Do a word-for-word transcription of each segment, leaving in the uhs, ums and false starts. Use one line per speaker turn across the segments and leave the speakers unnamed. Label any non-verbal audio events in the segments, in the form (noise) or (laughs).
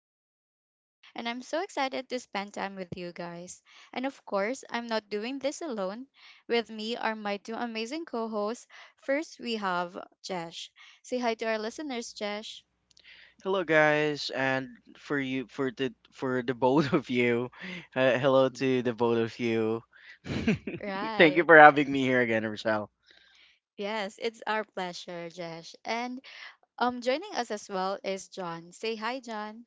host, Rochelle, and I'm so excited to spend time with you guys. And of course, I'm not doing this alone. With me are my two amazing co hosts. First, we have Jesh. Say hi to our listeners, Jesh.
Hello guys, and for you for the for the both of you, (laughs) uh, hello
Mhm.
to the both of you. (laughs) Thank you
Right.
for having me here again, Rochelle.
Yes, it's our pleasure, Jesh. And um, joining us as well is John. Say hi, John.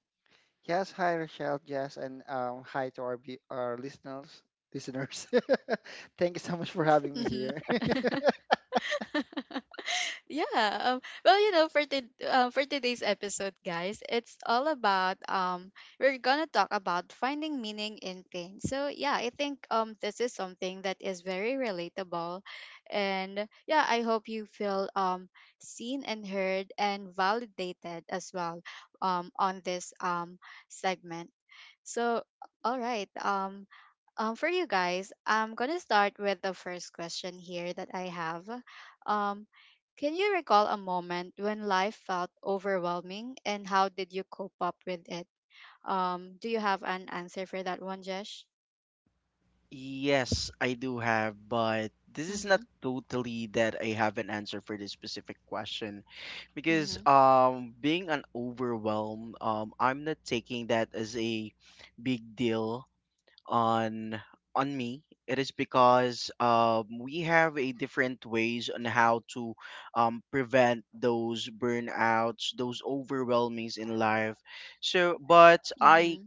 Yes, hi Rochelle, Jess, and um, hi to our be- our listeners. Listeners, (laughs) thank you so much for having me
hmm
here. (laughs)
(laughs) yeah, um well, you know for to, uh, for today's episode, guys, it's all about um we're gonna talk about finding meaning in pain. So yeah, I think um this is something that is very relatable, and yeah, I hope you feel um seen and heard and validated as well um on this um segment. So all right. Um um, for you guys, I'm gonna start with the first question here that I have. Um, can you recall a moment when life felt overwhelming, and how did you cope up with it? Um, do you have an answer for that one, Jesh?
Yes, I do have, but this is
Mm-hmm.
not totally that I have an answer for this specific question because
Mm-hmm.
um being an overwhelm, um I'm not taking that as a big deal on on me it is because um, we have a different ways on how to um, prevent those burnouts those overwhelmings in life so but I
Mm-hmm.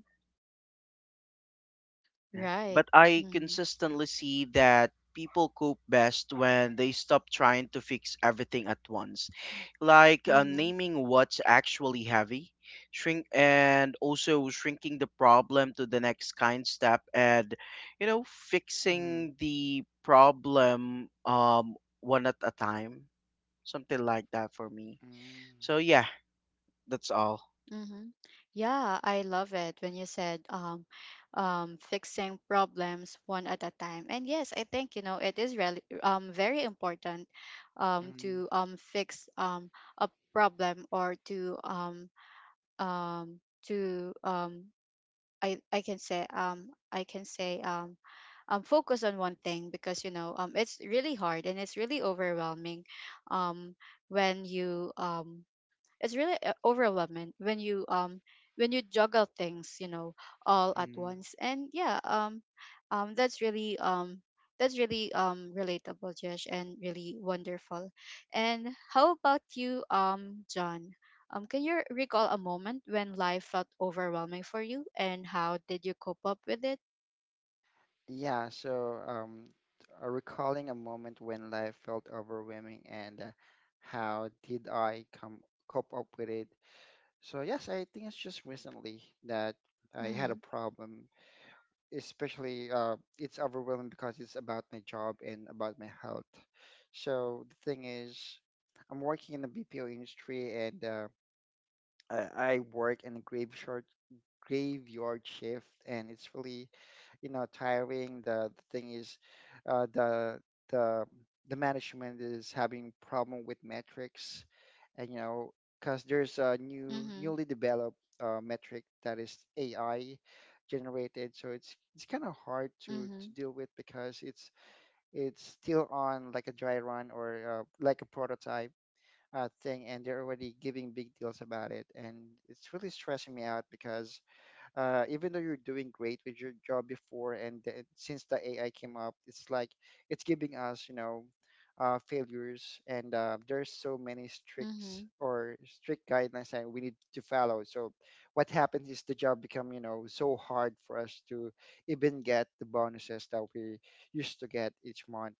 yeah.
Right.
But I
Mm-hmm.
consistently see that people cope best when they stop trying to fix everything at once, like uh,
Mm-hmm.
naming what's actually heavy, shrink, and also shrinking the problem to the next kind step, and you know,
Mm,
fixing the problem um one at a time, something like that for me.
mm,
So yeah, that's all.
Mm-hmm. Yeah, I love it when you said um, um, fixing problems one at a time. And yes, I think you know it is really um, very important um,
mm,
to um, fix um, a problem, or to um, um, to um, I I can say um, I can say um, um, focus on one thing, because you know um, it's really hard and it's really overwhelming um, when you um, it's really uh, overwhelming when you um when you juggle things, you know, all at
mm.
once. And yeah um um that's really um that's really um relatable, Josh, and really wonderful. And how about you, um John? Um can you recall a moment when life felt overwhelming for you, and how did you cope up with it?
Yeah, so um, uh, recalling a moment when life felt overwhelming and uh, how did I come cope up with it? So yes, I think it's just recently that I had a
Mm-hmm.
problem, especially uh, it's overwhelming because it's about my job and about my health. So the thing is, I'm working in the B P O industry, and uh, I, I work in a graveyard graveyard shift, and it's really, you know, tiring. The, the thing is, uh, the the the management is having problem with metrics, and you know, because there's a new
Mm-hmm.
newly developed uh, metric that is A I generated, so it's it's kind of hard to to deal with because it's it's still on like a dry run or uh, like a prototype uh, thing, and they're already giving big deals about it, and it's really stressing me out because uh, even though you're doing great with your job before and the, since the AI came up, it's like it's giving us, you know, uh, failures, and uh, there's so many strict
Mm-hmm.
or strict guidelines that we need to follow. So what happens is the job become, you know, so hard for us to even get the bonuses that we used to get each month.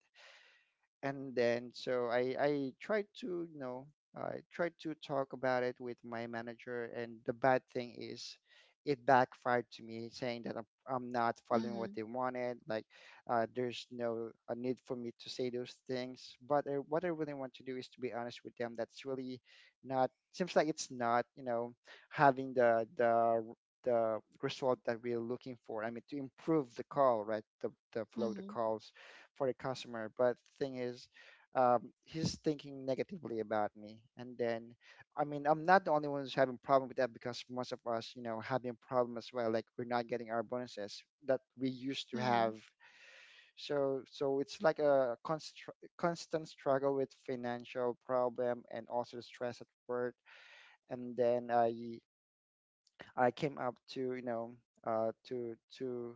And then, so I I tried to, you know, I tried to talk about it with my manager, and the bad thing is it backfired to me, saying that I'm, I'm not following what
Mm-hmm.
they wanted. Like uh, there's no a need for me to say those things. But I, what I really want to do is to be honest with them. That's really not— seems like it's not, you know, having the the the result that we're looking for. I mean, to improve the call, right? The the flow of the
Mm-hmm.
calls for the customer. But thing is, um, he's thinking negatively about me. And then I mean, I'm not the only one who's having problem with that, because most of us, you know, having problem as well, like we're not getting our bonuses that we used to
Mm-hmm.
have.
Mm-hmm.
So so it's like a constr constant struggle with financial problem and also the stress at work. And then i i came up to, you know, uh, to to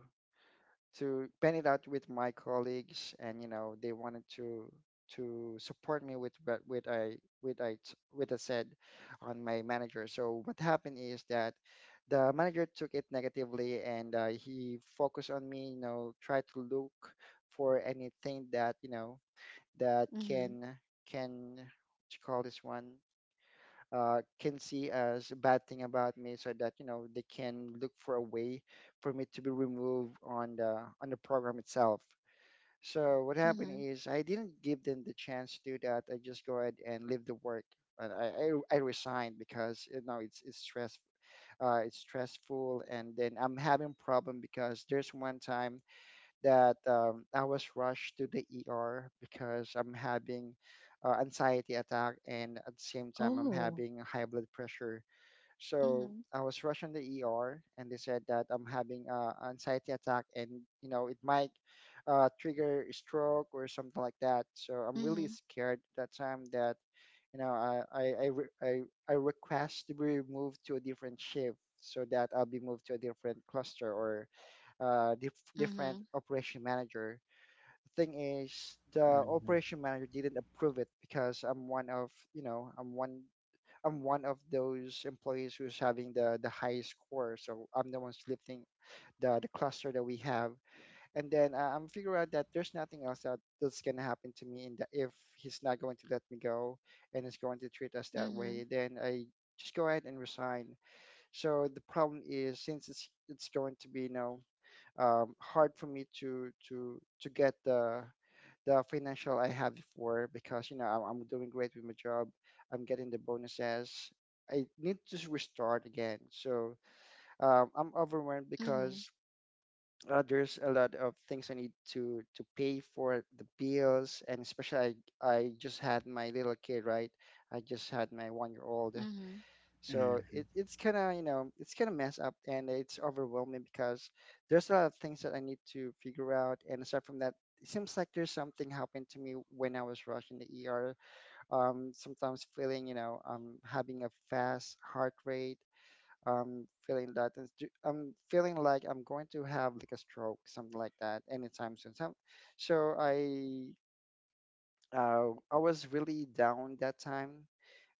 to pen it out with my colleagues, and you know, they wanted to to support me with what, with I with I t- with I said on my manager. So what happened is that the manager took it negatively, and uh, he focused on me. You know, tried to look for anything that, you know, that
Mm-hmm.
can— can, what you call this one, uh, can see as a bad thing about me, so that you know, they can look for a way for me to be removed on the on the program itself. So what happened
Mm-hmm.
is I didn't give them the chance to do that. I just go ahead and leave the work. And i i, I resigned because, you know, it's it's stress— uh, it's stressful. And then I'm having problem, because there's one time that um, I was rushed to the E R because I'm having uh, anxiety attack, and at the same time I'm
Oh.
having high blood pressure. So
Mm-hmm.
I was rushed in the E R, and they said that I'm having uh, anxiety attack, and you know, it might uh, trigger a stroke or something like that. So I'm really
Mm-hmm.
scared that time, that you know, I I I, re- I, I request to be moved to a different shift, so that I'll be moved to a different cluster or uh, dif- different
Mm-hmm.
operation manager. Thing is, the
hmm
operation manager didn't approve it, because I'm one of— you know, I'm one I'm one of those employees who's having the the highest score, so I'm the one lifting the the cluster that we have. And then uh, I'm figure out that there's nothing else that— that's gonna happen to me in the— if he's not going to let me go and is going to treat us that way,
Mhm,
then I just go ahead and resign. So the problem is, since it's it's going to be, you know, um, hard for me to to to get the the financial I had before, because you know, I'm, I'm doing great with my job. I'm getting the bonuses. I need to s- restart again. So um, I'm overwhelmed
mhm,
because uh, there's a lot of things I need to to pay for the bills, and especially I I just had my little kid, right? I just had my one year old.
mhm,
So
hmm
it, it's kind of, you know, it's kind of messed up, and it's overwhelming because there's a lot of things that I need to figure out. And aside from that, it seems like there's something happened to me when I was rushed in the E R. Um, sometimes feeling, you know, um, having a fast heart rate, um, feeling that it's ju- I'm feeling like I'm going to have like a stroke, something like that anytime soon. So, so I, uh, I was really down that time,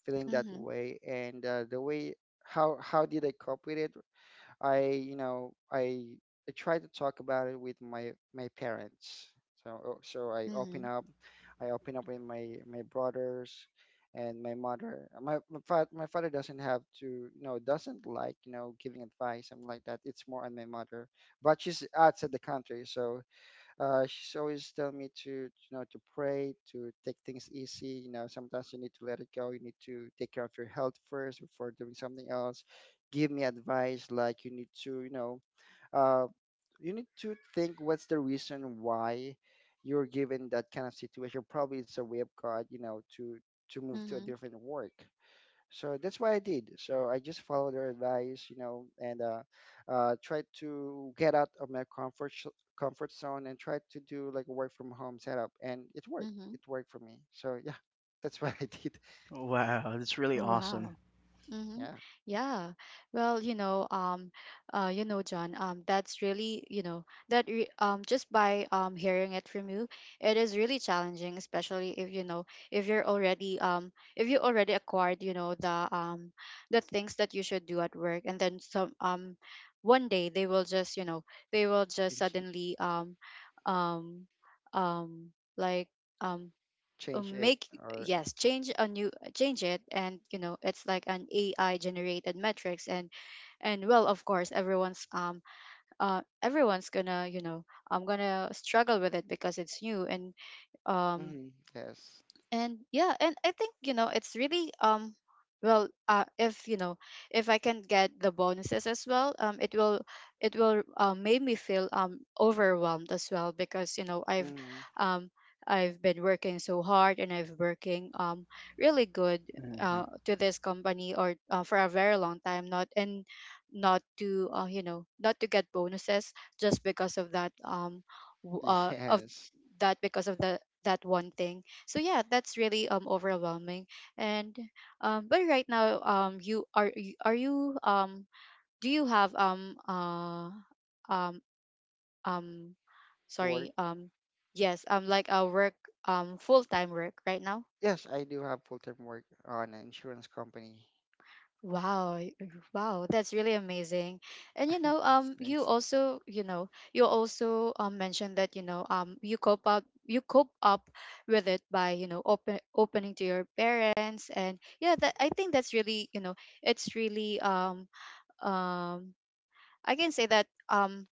feeling that
mhm,
way. And uh, the way how how did I cope with it? I you know, i i try to talk about it with my my parents. So so i open
mhm,
up. I open up with my my brothers and my mother. My my, fa- my father doesn't have to, you know, doesn't like, you know, giving advice, something like that. It's more on my mother, but she's outside the country. So uh, she's always telling me to, you know, to pray, to take things easy. You know, sometimes you need to let it go. You need to take care of your health first before doing something else. Give me advice like you need to, you know, uh, you need to think what's the reason why you're given that kind of situation. Probably it's a way of God, you know, to to move to a
mhm,
different work. So that's what I did. So I just followed their advice, you know, and uh, uh, tried to get out of my comfort sh- comfort zone, and tried to do like a work from home setup, and it worked.
mhm.
It worked for me. So (laughs) yeah, that's what I did. (laughs)
Wow, that's really awesome.
Wow. Mm-hmm.
Yeah,
Yeah. Well, you know, um, uh, you know, John, um, that's really, you know, that re um, just by um hearing it from you, it is really challenging, especially if you know, if you're already um if you already acquired, you know, the um the things that you should do at work, and then some um one day they will just, you know, they will just
change it,
suddenly um um um like um uh,
change it
make
or
yes change a new, change it, and you know it's like an ai generated metrics. and and well, of course, everyone's um uh everyone's gonna, you know, I'm gonna struggle with it because it's new. and um
mm, yes,
and yeah, and I think you know it's really um well, uh if you know, if I can get the bonuses as well, um it will, it will uh make me feel um overwhelmed as well, because you know i've
mm,
um I've been working so hard and I've working um really good
hmm
uh to this company, or uh, for a very long time, not, and not to, uh, you know, not to get bonuses just because of that, um w- uh of
yes,
that, because of the, that one thing. So yeah, that's really um overwhelming. And um but right now, um you are, you are you um do you have um uh um um
work.
sorry um yes, um like a work, um full-time work right now?
Yes, I do have full time work on an insurance company.
Wow, y- wow, that's really amazing. And you
(laughs)
know,
It's
um, you
nice.
also, you know, you also um, mentioned that, you know, um, you cope up, you cope up with it by, you know, open opening to your parents, and yeah, that I think that's really, you know, it's really, um, um, I can say that, um,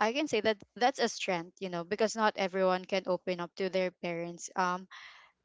I can say that that's a strength, you know, because not everyone can open up to their parents. Um,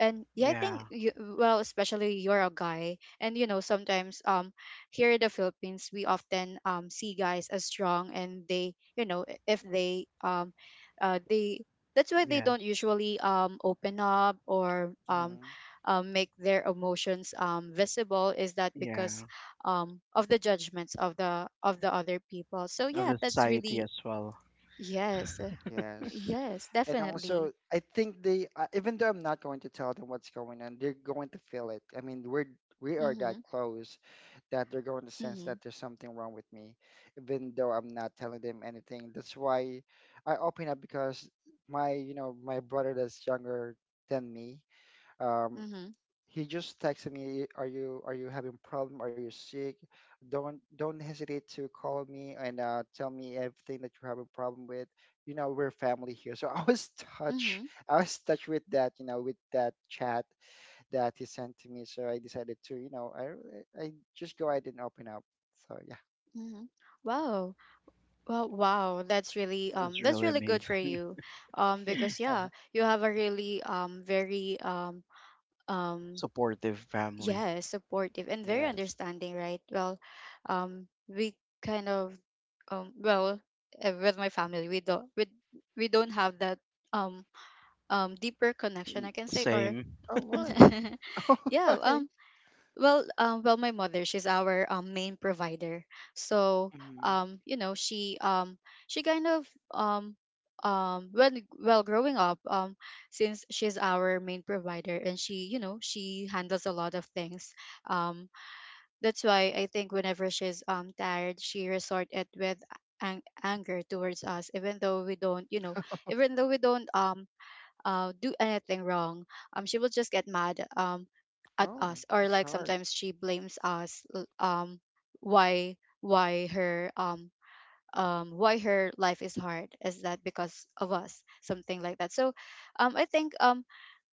And yeah, I
Yeah.
think you, well, especially you're a guy and you know, sometimes um here in the Philippines we often um see guys as strong, and they, you know, i- if they um uh they that's why they don't
Yes.
usually um open up, or um
Mm-hmm.
uh, make their emotions um visible. Is that because
Yeah,
um of the judgments of the of the other people? So
of
yeah,
the
that's
society
really,
as well.
yes,
Yes.
yes,
And also,
definitely.
I think they, uh, even though I'm not going to tell them what's going on, they're going to feel it. I mean, we're— we are that
Mm-hmm.
close that they're going to sense that
Mm-hmm.
there's something wrong with me, even though I'm not telling them anything. That's why I open up, because my, you know, my brother that's younger than me, um,
Mm-hmm.
he just texted me, "Are you— are you having problem? Are you sick? Don't— don't hesitate to call me and uh, tell me everything that you're having problem with. You know, we're family here." So (laughs) I was touched.
Mm-hmm.
I was touched with that, you know, with that chat that he sent to me. So I decided to, you know, I I just go ahead and open up. So
Mhm. Wow. Well, wow. That's really
It's
um that's
really
really good for
amazing.
you. Um
yeah, (laughs)
because
yeah,
yeah, you have a really um very um um
Supportive family.
yeah, supportive and very
yes.
understanding, right? Well, um we kind of um well, uh, with my family, we don't we, we don't have that um um deeper connection, I can say, or
Same.
Oh,
(laughs)
why? (laughs) Oh,
yeah,
why?
um well, um, well, my mother, she's our um, main provider. So,
Mm.
um, you know, she um, she kind of um, um, when, well, growing up, um, since she's our main provider and she, you know, she handles a lot of things. Um, that's why I think whenever she's um tired, she resort it with ang- anger towards us, even though we don't, you know, even though we don't um uh, do anything wrong. Um, she will just get mad um, at
Oh,
us, or
it's
like
hard.
sometimes she blames us. l- Um, why why her um um why her life is hard? Is that because of us? Something like that. So, um, I think um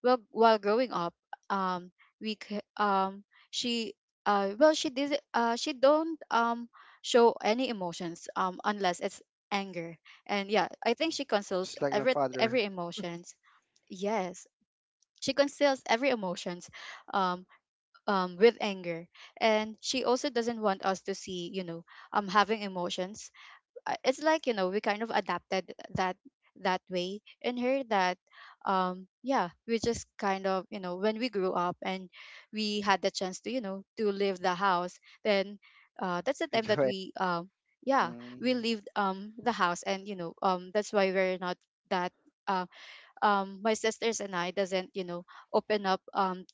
well, while growing up, um we c- um she uh well, she did uh she don't um show any emotions um unless it's anger. And yeah, I think she conceals
Just like my
every
father.
every emotions. Yes, she conceals every emotions, um, um, with anger, and she also doesn't want us to see, you know, um, having emotions. Uh, It's like you know we kind of adapted that, that way in her, that um yeah, we just kind of, you know, when we grew up and we had the chance to, you know, to leave the house, then uh that's the
(laughs)
time
Big
that
way.
we um yeah, we
Mm.
leave um the house. And you know, um that's why we're not that uh um my sisters and I doesn't, you know, open up um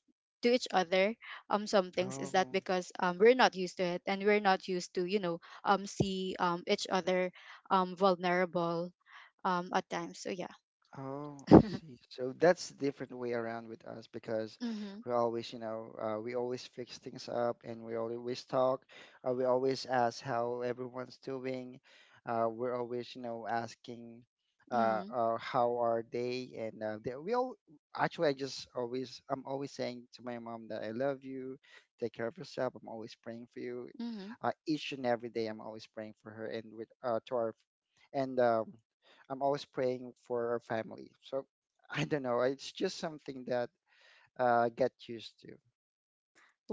to each other um some things, is that
Oh.
because um we're not used to it, and we're not used to, you know, um see um each other um vulnerable um at times. So yeah.
Oh,
(laughs)
I
Mhm.
see. So that's different way around with us, because we always, you know, uh, we always fix things up, and we always talk. Uh, we always ask how everyone's doing. Uh, we're always, you know, asking uh,
Mhm.
uh, how are they? And uh, they, we all— actually, I just always, I'm always saying to my mom that I love you, take care of yourself. I'm always praying for you.
Mhm.
Uh, each and every day, I'm always praying for her, and with uh, to our— and um, I'm always praying for our family. So (laughs) I don't know. It's just something that uh get used to.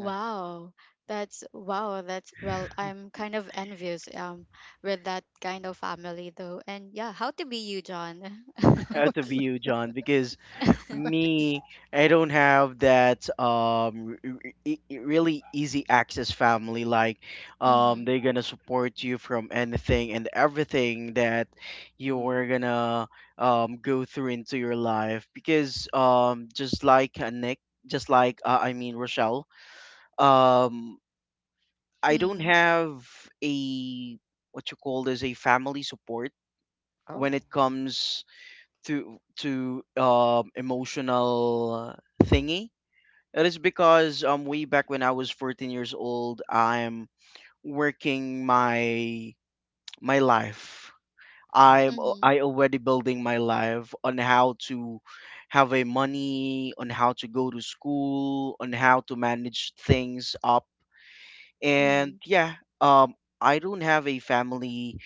Yeah.
that's wow, that's well, I'm kind of envious um with that kind of family, though. And yeah, how to be you, John? (laughs)
I had to be you, John, because me, I don't have that um r- r- e- e- really easy access family. Like, um,
Mhm.
they're gonna support you from anything and everything that you're
Hmm.
gonna um go through into your life. Because um, just like uh, Nick, just like uh, I mean Rochelle, um I don't
Mhm.
have a what you call this a family support when
Oh,
it comes to to um, emotional thingy. It is because um way back when I was fourteen years old, I'm working my my life.
oh.
I'm al-
Mhm.
I already building my life on how to have a money, on how to go to school, on how to manage things up. And
Mhm.
yeah, um, I don't have a family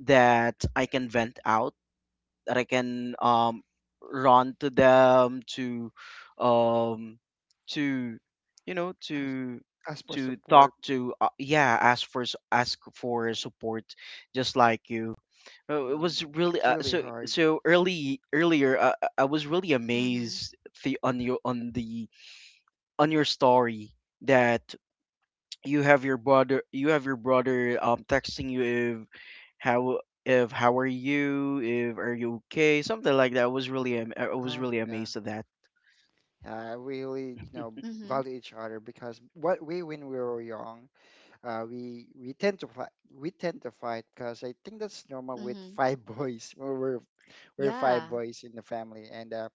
that I can vent out, that I can um, run to them to, um, to, you know,
As—
to
as for
to talk
support,
to. Uh, yeah, ask for s- ask for support, just like you. Uh, It
mm,
was really
it's
uh,
really
so
hard.
so early earlier. Uh, I I was really
Mhm.
amazed the on your on the on your story that you have your brother you have your brother um texting you if how if how are you if are you okay something like that I was really am- I was
Oh,
really
yeah.
amazed at that.
Yeah, I really, you know,
(laughs)
Mhm,
value each other, because what we— when we were young, uh, we we tend to fight— we tend to fight, because I think that's normal with
mhm.
five (laughs) boys. We're we're we're five
Yeah.
boys in the family, and uh,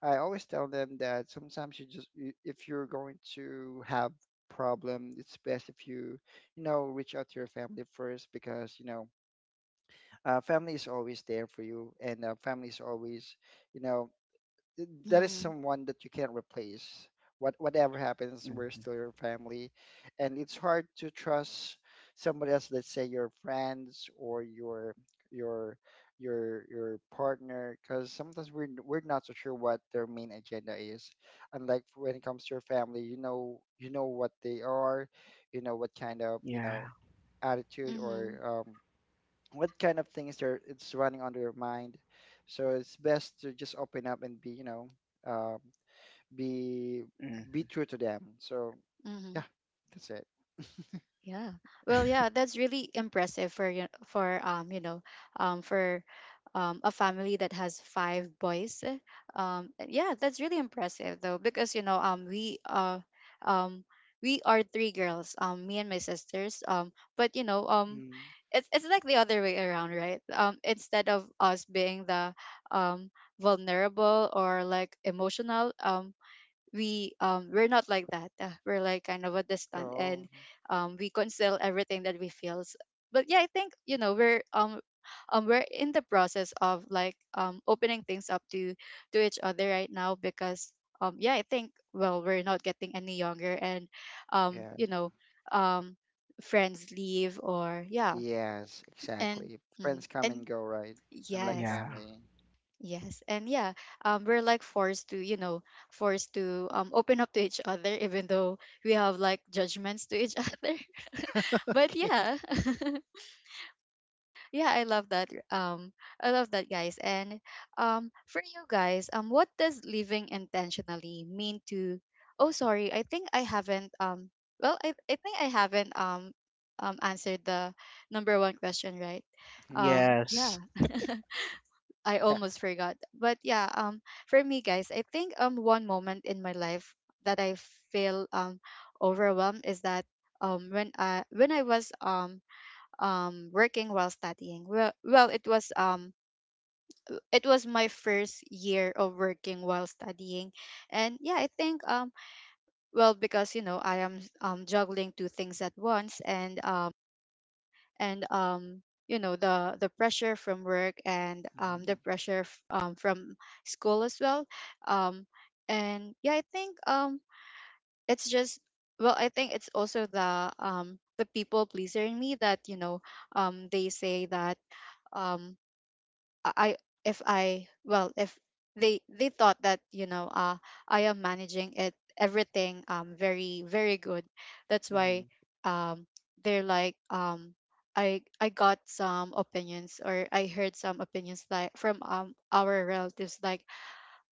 I always tell them that sometimes you just— you, if you're going to have problem, it's best if you— you know, reach out to your family first, because you know, uh, family is always there for you, and uh, family is always, you know, that is
Mhm,
someone that you can't replace. What— whatever happens, we're
Mm,
still your family, and it's hard to trust somebody else. Let's say your friends or your your your your partner, because sometimes we're we're not so sure what their main agenda is. Unlike when it comes to your family, you know you know what they are, you know what kind of you know
yeah
attitude
mhm,
or um, what kind of things are it's running on their mind. So it's best to just open up and be, you know, um, be be
mm,
true to them. So
mhm.
yeah, that's it.
Yeah. Well, yeah, that's really impressive for you for um, you know, um for um a family that has five boys. Um yeah, that's really impressive though, because you know, um we uh um we are three girls, um me and my sisters. Um but you know, um
Mm.
it's it's like the other way around, right? Um instead of us being the um vulnerable or like emotional, um we um we're not like that. Uh, we're like kind of a distant, and
Oh,
um we conceal everything that we feels. But yeah, I think you know we're um um we're in the process of like um opening things up to to each other right now, because um yeah, I think, well, we're not getting any younger, and um you
yes,
know, um friends leave, or yeah,
yes,
and
exactly.
mhm,
Friends come and
and
go, right? Unlike
yes.
yeah
family. (laughs)
Yes, and yeah, um, we're like forced to, you know, forced to um, open up to each other, even though we have like judgments to each (laughs) other. (laughs) But
Okay.
yeah, (laughs) yeah, I love that. Um, I love that, guys. And um, for you guys, um, what does living intentionally mean to? Oh, sorry, I think I haven't. Um, well, I, I think I haven't um, um, answered the number one question, right?
Mhm.
Um, yeah.
yes.
(laughs) I
Yeah.
almost forgot. But yeah, um, for me, guys, I think um one moment in my life that I feel um overwhelmed is that um when I when I was um um working while studying. Well, well, it was um it was my first year of working while studying, and yeah, I think um well because you know I am um juggling two things at once and um and um you know the the pressure from work and um the pressure f- um from school as well. um and yeah, I think um it's just, well, I think it's also the um the people pleaser in me, that you know, um they say that, um I if I well if they they thought that, you know, uh I am managing it everything, um very very good, that's
Mm-hmm. Mm-hmm.
why um they're like, um I I got some opinions, or I heard some opinions like, from um our relatives, like,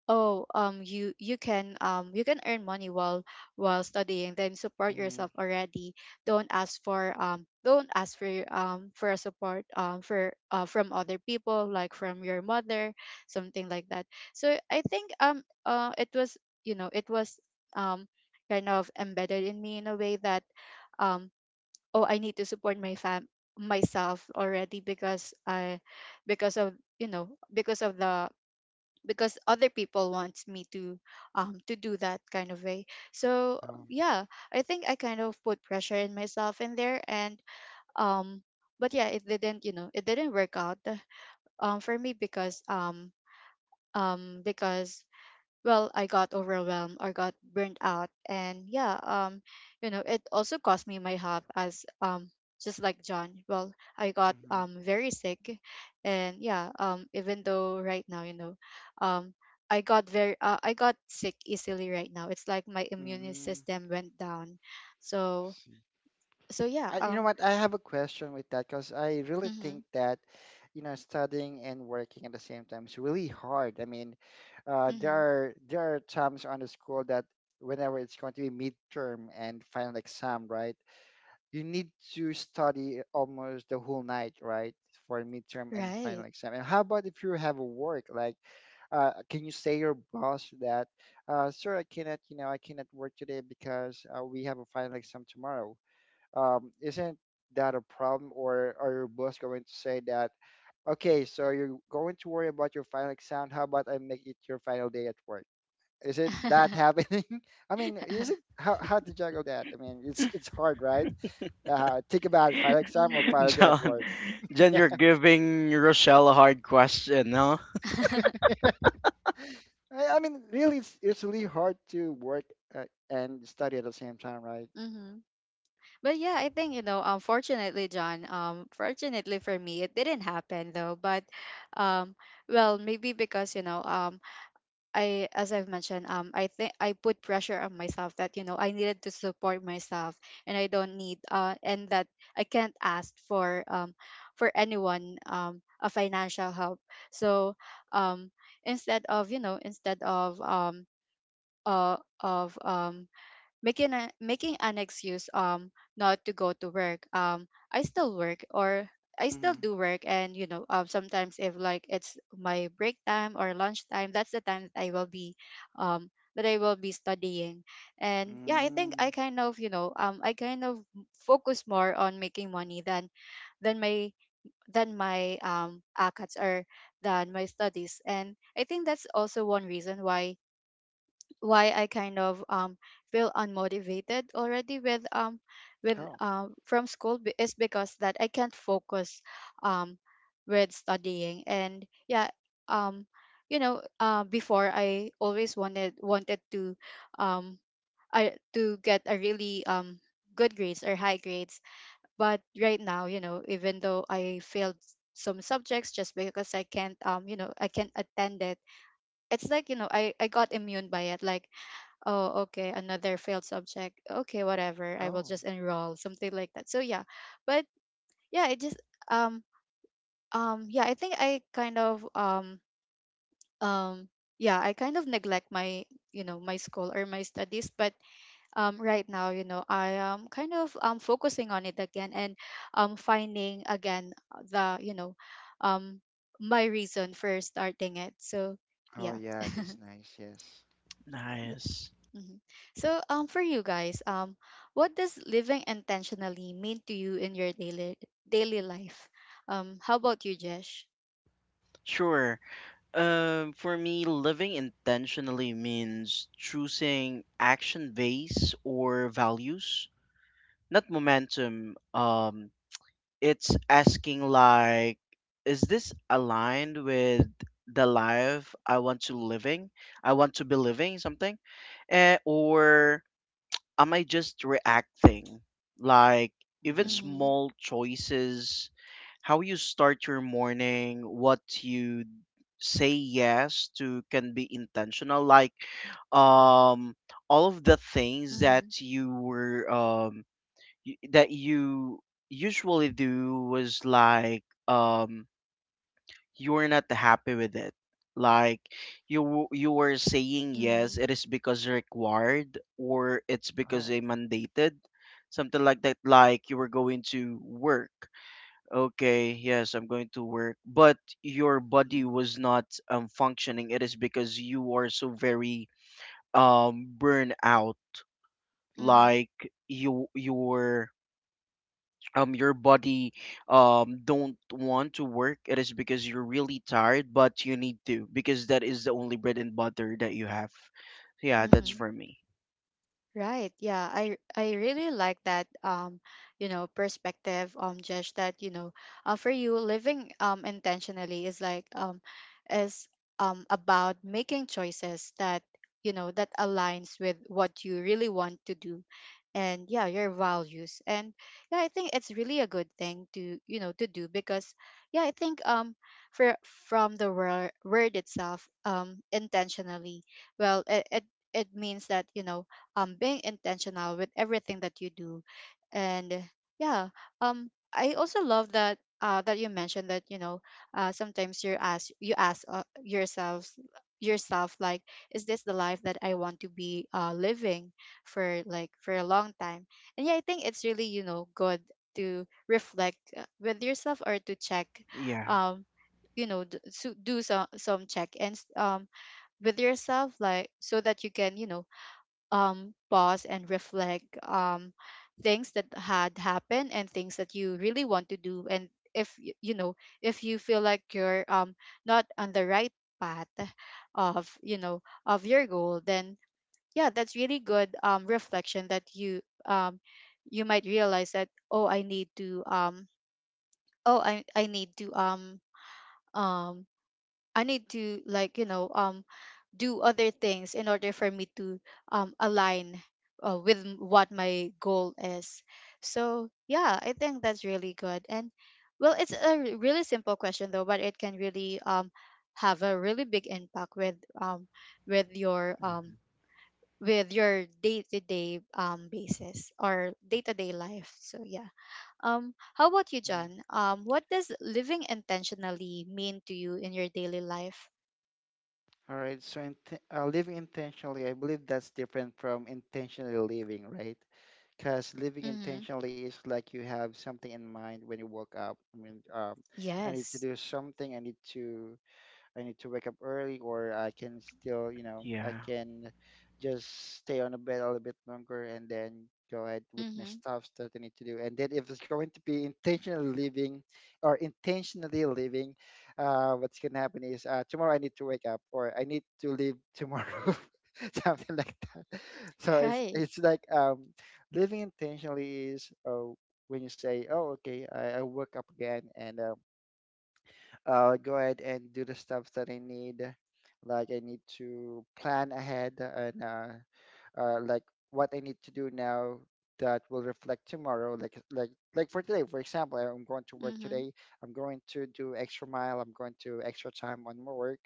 oh, um you you can um you can earn money, while while studying, then support
Mm-hmm.
yourself already. Don't ask for um don't ask for, um for a support, um for uh, from other people, like from your mother, something like that. So I think, um uh it was, you know, it was, um kind of embedded in me in a way that, um oh, I need to support my fam myself already, because I because of you know, because of the because other people wants me to, um to do that kind of way. So
Oh.
yeah, I think I kind of put pressure in myself in there, and um but yeah, it didn't, you know, it didn't work out, um for me, because um um because, well, I got overwhelmed, or got burnt out, and yeah. Um you know, it also cost me my health, as um just like John. Well, I got
Mm-hmm.
um very sick. And yeah, um even though right now, you know, um i got very uh, I got sick easily right now. It's like my immune
Mm-hmm.
system went down. So, so yeah.
I, you know
Um
what? I have a question with that because I really think
mhm.
that, you know, studying and working at the same time is really hard. I mean, uh, there
Mhm.
are there are times on the school that whenever it's going to be midterm and final exam, right? You need to study almost the whole night, right, for midterm and final
Right.
exam. And how about if you have a work? Like, uh, can you say your boss that, uh, sir, I cannot, you know, I cannot work today because uh, we have a final exam tomorrow, um, isn't that a problem, or are your boss going to say that, okay, so you're going to worry about your final exam? How about I make it your final day at work? Is it that
(laughs)
happening? (laughs) I mean, is it, how, how to juggle that? I mean, it's it's hard, right? Uh, think about it, final exam or
Mhm.
(laughs)
final day at
John,
work.
John, you're giving Rochelle a hard question, huh.
(laughs)
(laughs) i, I mean, really it's, it's really hard to work uh, and study at the same time, right?
Mhm. But yeah, I think, you know, unfortunately, John, um, fortunately for me, it didn't happen though. But, um, well, maybe because, you know, um, I as I've mentioned, um, I think I put pressure on myself, that you know I needed to support myself, and I don't need, uh, and that I can't ask for, um, for anyone, um, a financial help. So, um, instead of, you know, instead of um, uh, of um making a, making an excuse, um not to go to work. um i still work or I still
Mm-hmm.
do work, and, you know, um sometimes if like it's my break time or lunch time, that's the time that I will be um that I will be studying. And yeah, I think
Mm-hmm.
I kind of, you know, um I kind of focus more on making money, than than my than my um ACATS, or than my studies. And I think that's also one reason why why I kind of um feel unmotivated already with um with
Oh.
um from school be- is because that I can't focus, um with studying. And yeah. um you know, uh, before I always wanted wanted to, um I to get a really, um good grades or high grades. But right now, you know, even though I failed s- some subjects, just because I can't, um you know, I can't attend it. It's like, you know, I I got immune by it, like, oh, okay, another failed subject. Okay, whatever. I will
Oh.
just enroll, something like that. So yeah. But yeah, it just, um um yeah, I think I kind of, um um yeah, I kind of neglect my, you know, my school, or my studies. But um right now, you know, I am kind of um focusing on it again, and um finding again, the, you know, um my reason for starting it. So
Oh
yeah.
yeah, that's nice. Yes.
Yeah.
Nice.
Mhm. So, um, for you guys, um, what does living intentionally mean to you in your daily daily life? Um, how about you, Jesh?
Sure, um for me living intentionally means choosing action base or values, not momentum. Um it's asking like is this aligned with the life I want to living I want to be living something. Eh, or am I just reacting, like even
Hmm.
Mm-hmm.
small choices, how you start your morning, what you say yes to can be intentional. Like, um all of the things
Mm-hmm.
that you were um y- that you usually do was like, um you were not happy with it. Like, you w- you were saying yes
Mm-hmm.
it is because required or it's because
Oh.
they mandated something like that. Like you were going to work. Okay, yes, I'm going to work, but your body was not um, functioning it is because you are so very um burned out.
Mm-hmm.
Like, you you were um your body um don't want to work it is because you're really tired but you need to because that is the only bread and butter that you have. Yeah, that's
Mm-hmm.
Mhm.
for me.
Right. Yeah. I I really like that, um, you know, perspective, um Jesh, that, you know, uh, for you living um intentionally is like, um is um about making choices that, you know, that aligns with what you really want to do, and yeah, your values. And yeah, I think it's really a good thing to, you know, to do, because yeah, I think um for from the word, word itself, um intentionally, well, it, it it means that, you know, um being intentional with everything that you do. And yeah, um I also love that, uh that you mentioned, that, you know, uh sometimes you ask, you ask uh, yourselves yourself, like, is this the life that I want to be, uh living, for like for a long time. And yeah, I think it's really, you know, good to reflect, uh, with yourself, or to check,
yeah
um you know, d- so do some some check ins um with yourself, like, so that you can, you know, um, pause and reflect, um, things that had happened, and things that you really want to do. And if y- you know, if you feel like you're, um, not on the right path, of, you know, of your goal, then yeah, that's really good, um, reflection, that you, um, you might realize that, oh, I need to, um, oh i, I need to, um, um, I need to, like, you know, um, do other things in order for me to, um, align, uh, with m- what my goal is. So yeah, I think that's really good. And well, it's a r- really simple question though, but it can really, um, have a really big impact with, um, with your, um, with your day to day, um basis, or day to day life. So yeah. Um, how about you, John? Um, what does living intentionally mean to you in your daily life?
All right. So, int- uh, living intentionally, I believe that's different from intentionally living, right? Because living
Mm-hmm.
intentionally is like you have something in mind when you woke up. I mean, um, I need to
Yes.
do something. I need to. I need to wake up early, or I can still, you know, I
yeah
can just stay on the bed a little bit longer and then go ahead with my
Mm-hmm.
stuff that I need to do. And then if it's going to be intentionally leaving, or intentionally leaving, uh, what's going to happen is, uh, tomorrow I need to wake up or I need to leave tomorrow, (laughs) something like that. So it's
Right.
it's like um, living intentionally is, uh, when you say, oh, okay, I, I woke up again, and uh, uh, go ahead and do the stuff that I need. Like I need to plan ahead, and uh, uh, like what I need to do now that will reflect tomorrow. Like like like for today, for example, I'm going to work
Mhm.
today. I'm going to do extra mile. I'm going to extra time on my work,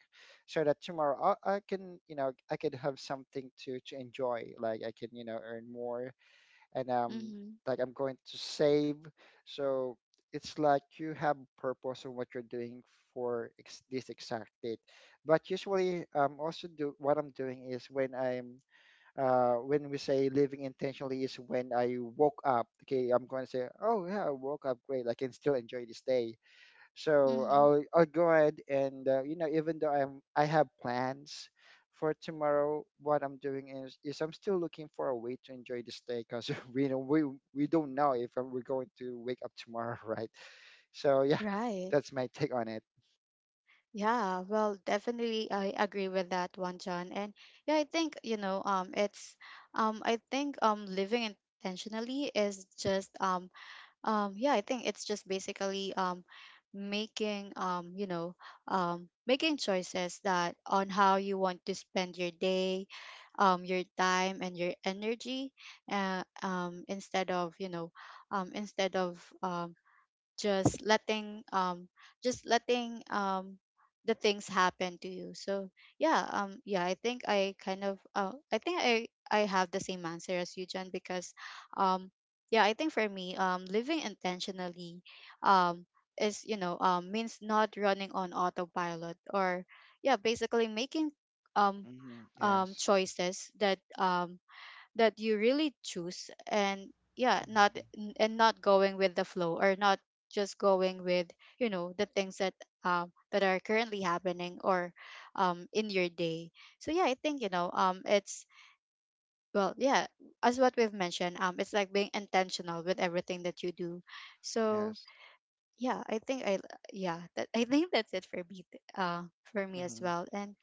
so that tomorrow I, I can, you know, I can have something to to enjoy. Like I can, you know, earn more, and um
Mhm.
like I'm going to save. So it's like you have purpose on what you're doing for ex- this exact date. But usually, um, also do what I'm doing is when I'm, uh when we say living intentionally is when I woke up. Okay, I'm going to say, oh yeah, I woke up great. I can still enjoy this day. So
Mhm.
I'll I'll go ahead and, uh, you know, even though I'm I have plans for tomorrow, what I'm doing is is I'm still looking for a way to enjoy this day, because (laughs) we know we we don't know if we're going to wake up tomorrow, (laughs) right? So yeah,
Right.
that's my take on it.
Yeah, well, definitely I agree with that one, John. And yeah, I think, you know, um it's, um I think um living intentionally is just, um um yeah, I think it's just basically, um making, um you know, um making choices that, on how you want to spend your day, um your time and your energy, uh, um instead of, you know, um instead of, um just letting, um just letting, um the things happen to you. So yeah, um yeah, I think I kind of, uh, I think i i have the same answer as you, John, because, um yeah, I think for me, um living intentionally, um is, you know, um means not running on autopilot, or yeah, basically making, um
Hmm.
um
Yes.
choices that, um that you really choose. And yeah, not n- and not going with the flow, or not just going with, you know, the things that, um that are currently happening, or um in your day. So yeah, I think, you know, um it's, well, yeah, as what we've mentioned, um it's like being intentional with everything that you do. So
Yes.
yeah, I think i yeah that I think that's it for me, th- uh for me as
Hmm.
well. And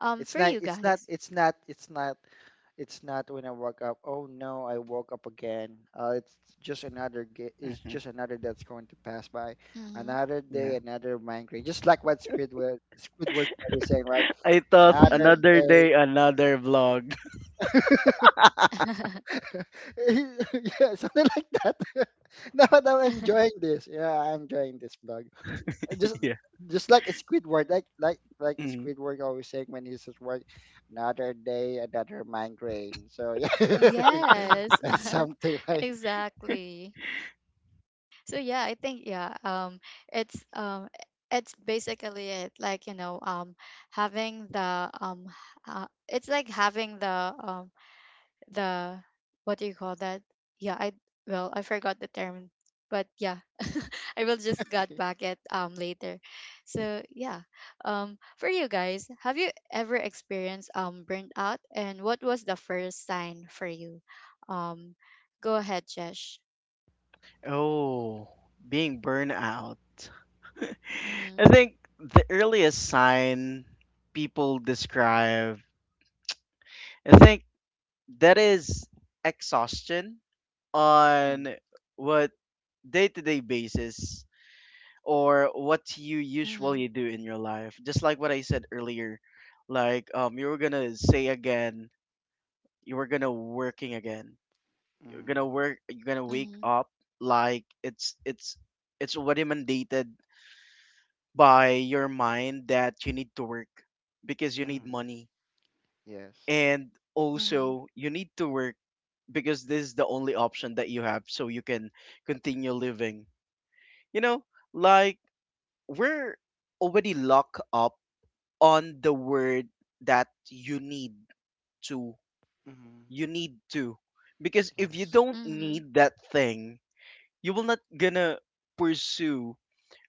um
It's
for
not
you
it's not
guys.
it's not it's not It's not when I woke up. Oh no, I woke up again. Uh, it's just another. ga- It's
hmm
just another that's going to pass by.
Mm-hmm.
Another
yeah,
day, another migraine. Just like what Squidward Squidward was saying, right?
I thought
Another
Mm-hmm.
another
day.
day, another vlog.
(laughs)
(laughs)
Yeah, something like that. (laughs) No, that I'm enjoying this. Yeah, I'm enjoying this vlog. Uh, Just
(laughs) Yeah.
just like Squidward, like like like
Mm.
Squidward always saying when he's at work, another day, another migraine. So yeah,
Yes.
(laughs) that's
(laughs)
something, right?
Exactly. So yeah, I think, yeah, um, it's, um, it's basically it. Like, you know, um, having the, um, h- uh, it's like having the, um, the, what do you call that? Yeah, I well, I forgot the term, but yeah, (laughs) I will just get back
(laughs)
at, um later. So yeah, um, for you guys, have you ever experienced, um burnt out, and what was the first sign for you? Um, Go ahead, Jesh.
Oh, being burned out. (laughs) I
Mm-hmm.
think the earliest sign people describe, I think, that is exhaustion
Mhm.
on what day to day basis or what you
Mm-hmm.
usually do in your life. Just like what I said earlier, like um, you were gonna say again, you were gonna working again. You're gonna
Mhm.
work, you're gonna wake up, like it's it's it's already mandated by your mind that you need to work because you need
Mhm.
money,
Yes.
and
Mm-hmm.
also you need to work because this is the only option that you have so you can continue living, you know, like we're already locked up on the word that you need to
Mhm.
you need to, because if you
Yes.
don't
Mm-hmm.
need that thing, you will not gonna pursue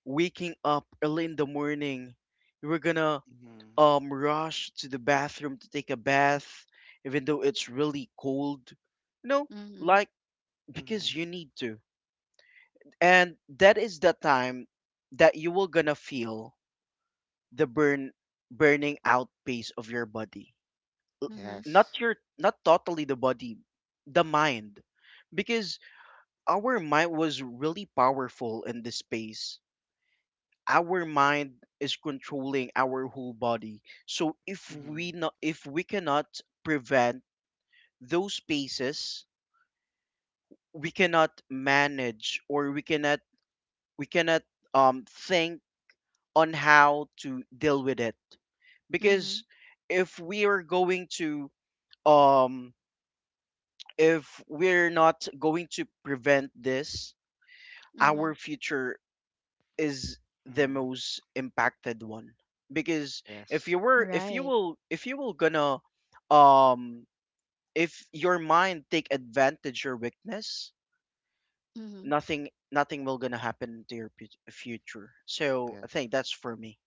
waking up early in the morning. You were gonna
Mhm.
um rush to the bathroom to take a bath, even though it's really cold, you know,
Mm-hmm.
like because
Mhm.
you need to. And that is the time that you will gonna feel the burn burning out pace of your body,
Mm-hmm.
not
Yes.
your, not totally the body, the mind, because our mind was really powerful in this space. Our mind is controlling our whole body, so if
Mhm.
we not, if we cannot prevent those spaces, we cannot manage, or we cannot we cannot um think on how to deal with it,
Mm-hmm.
because if we are going to um if we're not going to prevent this,
Mm-hmm.
our future is the
Mhm.
most impacted one, because if
Yes.
you were if you
Right.
will if you will gonna um if your mind take advantage your weakness, nothing nothing will gonna happen to your put- future. So I
Yes.
think that's for me.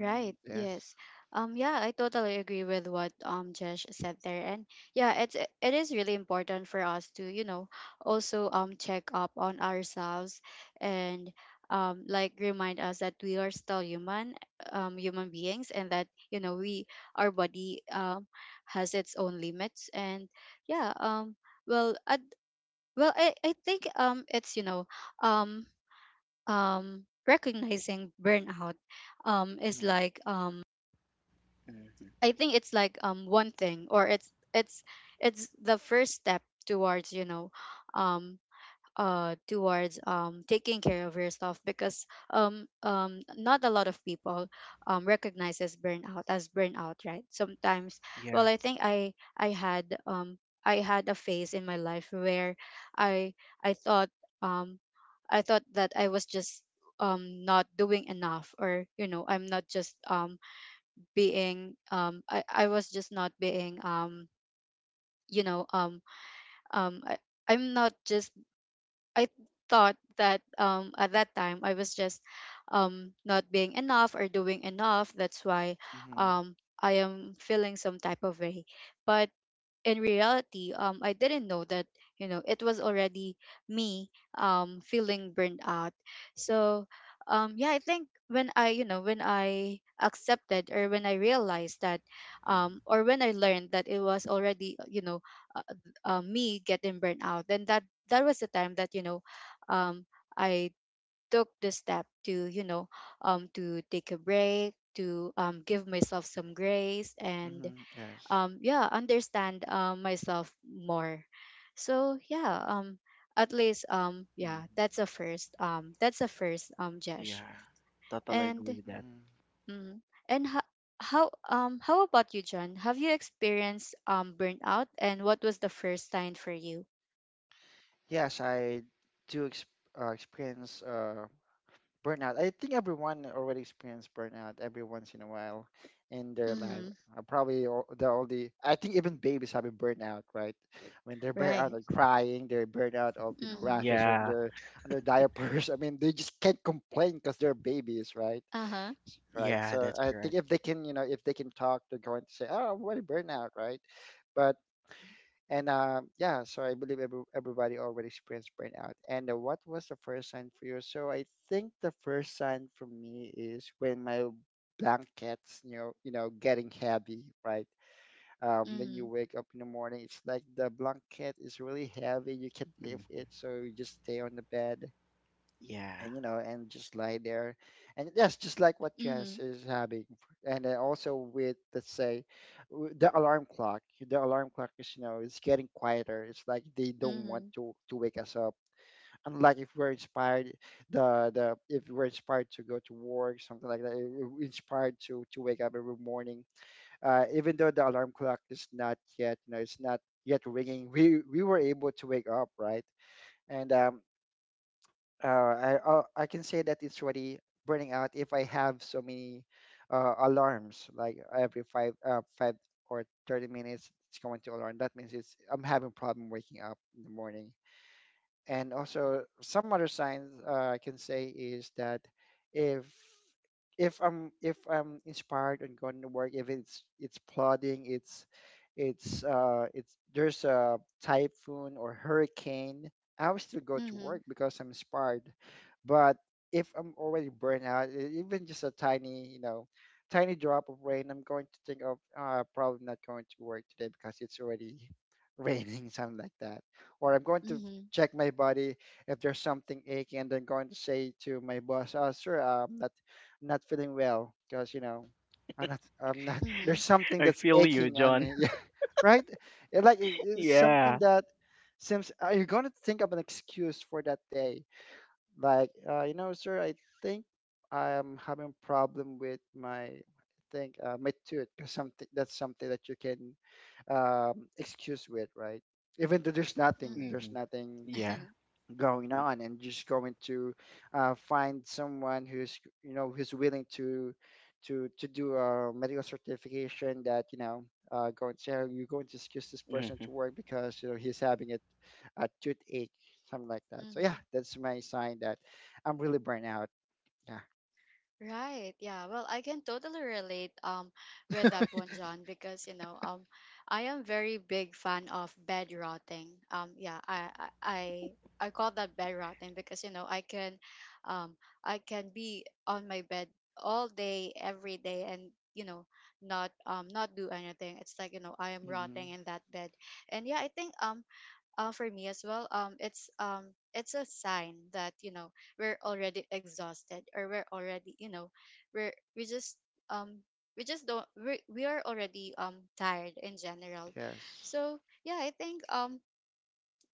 Right. Yes.
Yes.
Um. Yeah, I totally agree with what, um Jesh said there, and yeah, it's it it is really important for us to, you know, also um check up on ourselves, and um like, remind us that we are still human, um human beings, and that, you know, we, our body, um has its own limits. And yeah, um well I, well I, I think, um it's, you know, um um recognizing burnout, um is
Mhm.
like, um
Mm,
I think it's like, um one thing, or it's it's it's the first step towards, you know, um uh towards, um taking care of yourself, because um um not a lot of people um recognizes burnout as burnout, right? Sometimes,
yeah
well, I think I I had, um I had a phase in my life where I I thought, um I thought that I was just, um not doing enough, or, you know, I'm not just, um being, um I, I was just not being, um you know, um um I, I'm not just, I thought that, um at that time I was just, um not being enough, or doing enough, that's why,
Mhm.
um I am feeling some type of way. But in reality, um, I didn't know that, you know, it was already me, um feeling burned out. So, um, yeah, I think when I, you know, when I accepted or when I realized that, um,
mm,
or when I learned that it was already, you know, uh, uh, me getting burned out, then that that was the time that, you know, um, I took the step to, you know, um to take a break, to um give myself some grace, and
Mhm. Yes.
um yeah, understand, um myself more. So yeah, um at least, um yeah,
mm,
that's a first, um that's a first um Jesh.
yeah, totally
And
agree with that.
Mhm.
mm, and ho- how, um how about you, John? Have you experienced, um burnout, and what was the first sign for you?
Yes, I do ex uh, experience uh burnout. I think everyone already experienced burnout every once in a while in their life.
Mm-hmm.
Uh, Probably all the all the I think even babies have been burnout, right? When they're burnout
Right.
of crying, they're burnout of, you know,
Mm-hmm.
rashes on
yeah
their (laughs) on their diapers. (laughs) I mean, they just can't complain because they're babies, right?
Uh-huh.
Right.
yeah,
So
that's
I think
correct.
if they can, you know, if they can talk, they're going to say, "Oh, I'm already burnout," right? But And uh, yeah, so I believe every, everybody already experienced burnout. And uh, what was the first sign for you? So I think the first sign for me is when my blankets, you know, you know, getting heavy, right? Um, when
Mm-hmm.
you wake up in the morning, it's like the blanket is really heavy. You can't lift
Mm,
it, so you just stay on the bed,
yeah
and you know, and just lie there. And yes, just like what
Mm-hmm.
Jess is having. And then also with, let's say, w- the alarm clock, the alarm clock is, you know, it's getting quieter, it's like they don't want
Mm-hmm.
to to wake us up, unlike if we're inspired. The the If we're inspired to go to work, something like that, if we're inspired to to wake up every morning, uh even though the alarm clock is not yet, you know, it's not yet ringing, we we were able to wake up, right? And um uh, I uh, I can say that it's already burning out if I have so many uh, alarms, like every five uh, five or thirty minutes it's going to alarm. That means it's I'm having problem waking up in the morning. And also some other signs, uh, I can say is that if if I'm if I'm inspired and going to work, if it's it's plodding, it's it's uh it's there's a typhoon or hurricane, I will still go to
Mm-hmm.
work because I'm inspired. But if I'm already burnt out, e- even just a tiny, you know, tiny drop of rain, I'm going to think of, uh, probably not going to work today because it's already (laughs) raining, something like that. Or I'm going to
Mm-hmm.
check my body if there's something aching, and then going to say to my boss, "Oh, sir, I'm not not feeling well because you know." I'm not, I'm not, (laughs) there's
Mm-hmm.
something
I
that's
feel you,
aching on
John.
me. (laughs)
(laughs)
Yeah, right? It, like, it- it's something
Yeah.
that seems, uh, you're going to think of an excuse for that day. Like, uh, you know, sir, I think I am having problem with my, I think, uh, my tooth. 'Cause something, that's something that you can um, excuse with, right? Even though there's nothing, there's
hmm
nothing
Yeah.
going on, and just going to, uh, find someone who's, you know, who's willing to to to do a medical certification that, you know, uh, going to say, "Oh, you're going to excuse this person
hmm
to work because you know he's having a, a toothache," something like that. So yeah,
Mm-hmm. (laughs)
that's my sign that I'm really burnt out. Yeah.
Right. Yeah. Well, I can totally relate, um with that one, John, because, you know, um I am very big fan of bed rotting. Um. Yeah. I I I I call that bed rotting because you know I can, um, I can be on my bed all day, every day, and you know not um not do anything. It's like you know I am
Hmm.
rotting in that bed, and yeah, I think um uh, for me as well, um it's um it's a sign that you know we're already exhausted, or we're already, you know we're we just um we just don't, we we are already um tired in general.
Yes.
So yeah, I think um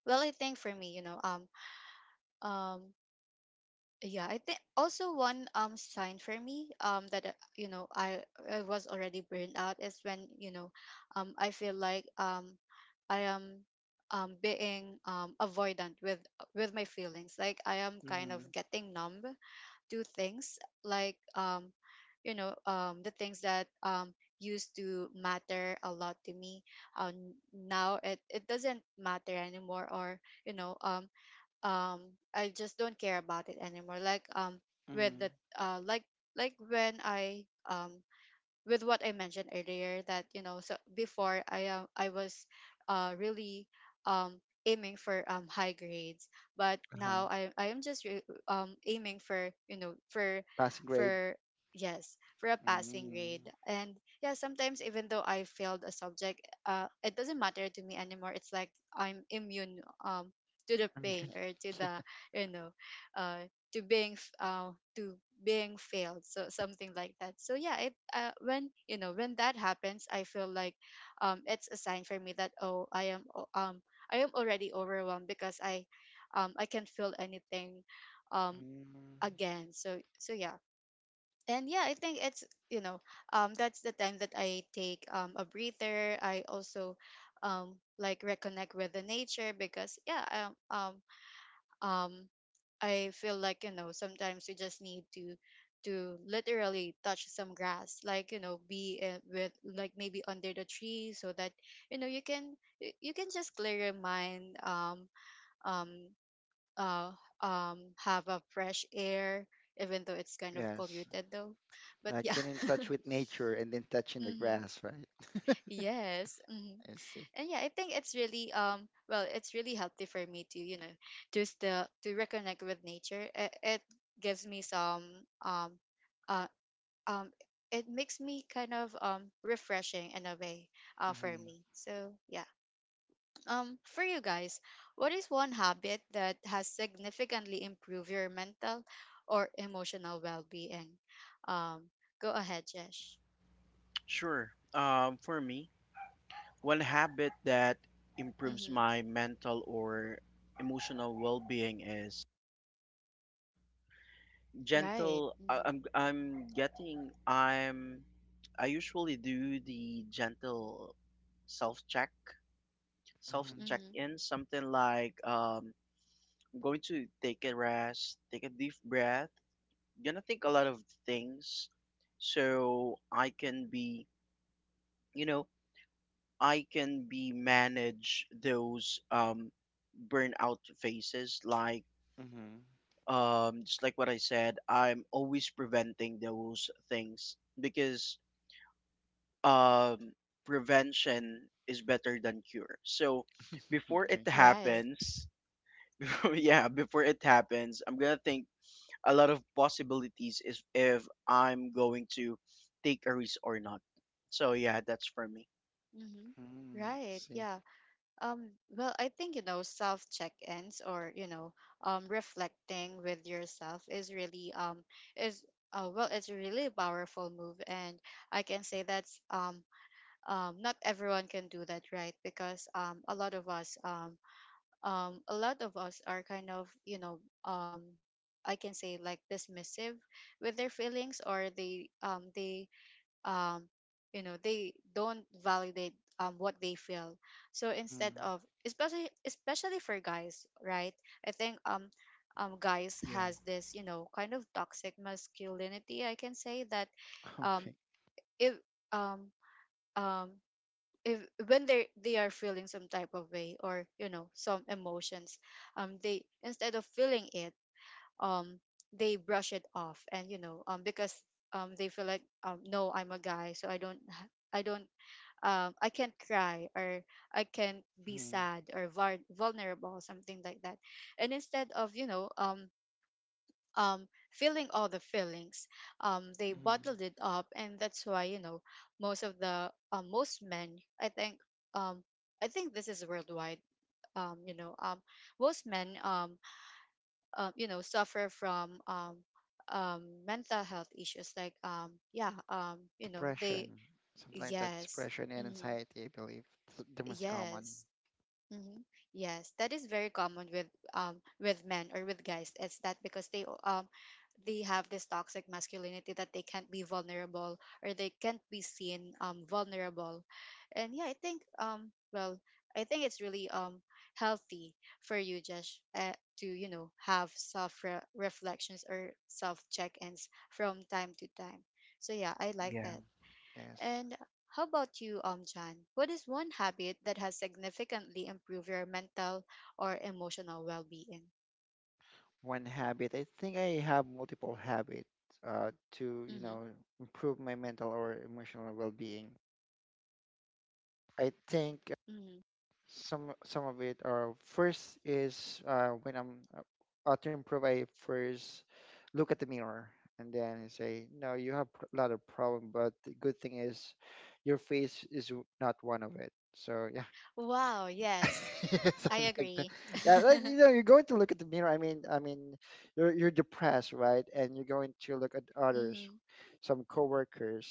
well, I think for me, you know um um yeah, I think also one um sign for me um that, uh, you know I I was already burned out is when you know um I feel like um I am um being um avoidant with with my feelings, like I am kind of
Hmm.
getting numb to things, like um you know um the things that um used to matter a lot to me, um now it it doesn't matter anymore. Or you know um um I just don't care about it anymore. Like um with
Hmm.
the, uh like like when I, um with what I mentioned earlier, that you know so before I am I was uh really um aiming for um high grades, but
Uh-huh.
now I I am just re- um aiming for, you know for
Passing grade.
for yes, for a passing
Mm.
grade. And yeah, sometimes even though I failed a subject, uh, it doesn't matter to me anymore. It's like I'm immune um to the
I.
pain or to the, you know uh to being f- uh to being failed, so something like that. So yeah, it uh, when you know when that happens, I feel like um it's a sign for me that, oh, i am o- um i am already overwhelmed because i um i can't feel anything um again. So so yeah. And yeah, I think it's, you know um that's the time that I take um a breather. I also um like reconnect with the nature, because yeah, um, um um I feel like, you know sometimes you just need to to literally touch some grass, like you know be, uh, with, like, maybe under the tree, so that you know you can, y- you can just clear your mind, um um uh um have a fresh air, even though it's
(laughs)
kind of
Yes.
polluted though. But
Like
yeah.
getting in touch with
(laughs)
nature and then touching the
Mhm.
grass, right? (laughs) I
Yes. Hmm.
see.
And yeah, I think it's really um well, it's really healthy for me to, you know, just the to reconnect with nature. It, it gives me some um uh um it makes me kind of um refreshing in a way uh for
Mm-hmm.
me. So, yeah. Um for you guys, what is one habit that has significantly improved your mental or emotional well-being? Um Go ahead, Jesh.
Sure. Um, for me, one habit that improves
Mhm.
my mental or emotional well-being is
Right.
gentle. I,
Mhm.
I'm I'm getting I'm I usually do the gentle self-check,
Mhm.
self-check-in, something like, um, I'm going to take a rest, take a deep breath. Gonna think a lot of things so I can be, you know, I can be manage those um burnout phases. Like,
Mm-hmm. Mm-hmm.
um just like what I said, I'm always preventing those things because um prevention is better than cure. So
(laughs)
before
Okay.
it
Right.
Yes.
happens, (laughs) yeah, before it happens, I'm gonna think a lot of possibilities is if I'm going to take a risk or not. So yeah, that's for me.
Mm-hmm.
Mm, I
Right.
see.
Yeah. Um, well, I think, you know, self check-ins or, you know, um, reflecting with yourself is really, um, is, uh, well, it's a really powerful move. And I can say that's, um, um, not everyone can do that, right? Because, um, a lot of us, um, um, a lot of us are kind of, you know, um, I can say like dismissive with their feelings, or they, um, they, um, you know they don't validate um, what they feel. So instead
Mm.
of, especially especially for guys, right? I think um, um guys
Yeah,
has this, you know kind of toxic masculinity, I can say that.
(laughs)
Um
Okay.
if um um if when they they are feeling some type of way, or you know some emotions, um they, instead of feeling it, um they brush it off. And you know um because um they feel like, um no, I'm a guy, so i don't ha- i don't, um, I can't cry, or I can't be
Mm.
sad or var- vulnerable, something like that. And instead of, you know, um, um, feeling all the feelings, um, they
Mm.
bottled it up. And that's why, you know, most of the, uh, most men, I think, um, I think this is worldwide. Um, you know, um, most men, um, uh, you know, suffer from um, um, mental health issues. Like, um, yeah, um, you know,
Depression,
they,
something like that.
yes,
Depression and
mhm,
anxiety, I believe. It's the most common.
yes, hmm. Yes, that is very common with um with men or with guys. It's that because they um they have this toxic masculinity, that they can't be vulnerable, or they can't be seen um vulnerable. And yeah, I think um well, I think it's really um healthy for you, Josh, uh, to, you know have self re- reflections or self check-ins from time to time. So yeah, I like
yeah.
that.
Hmm. Yes.
And how about you, um, Jan? What is one habit that has significantly improved your mental or emotional well-being?
One habit. I think I have multiple habits, uh, to, you
Mm-hmm,
know, improve my mental or emotional well-being. I think
mm-hmm.
some some of it are: first is, uh, when I'm uh, uh, to improve, I first look at the mirror and then say, no, you have a lot of problem, but the good thing is your face is w- not one of it. So yeah.
Wow, yes,
(laughs) Yeah,
I
something like that.
agree. (laughs)
Yeah, like,
Mm-hmm.
you know, you're going to look at the mirror. I mean, I mean, you're you're depressed, right? And you're going to look at others, some coworkers,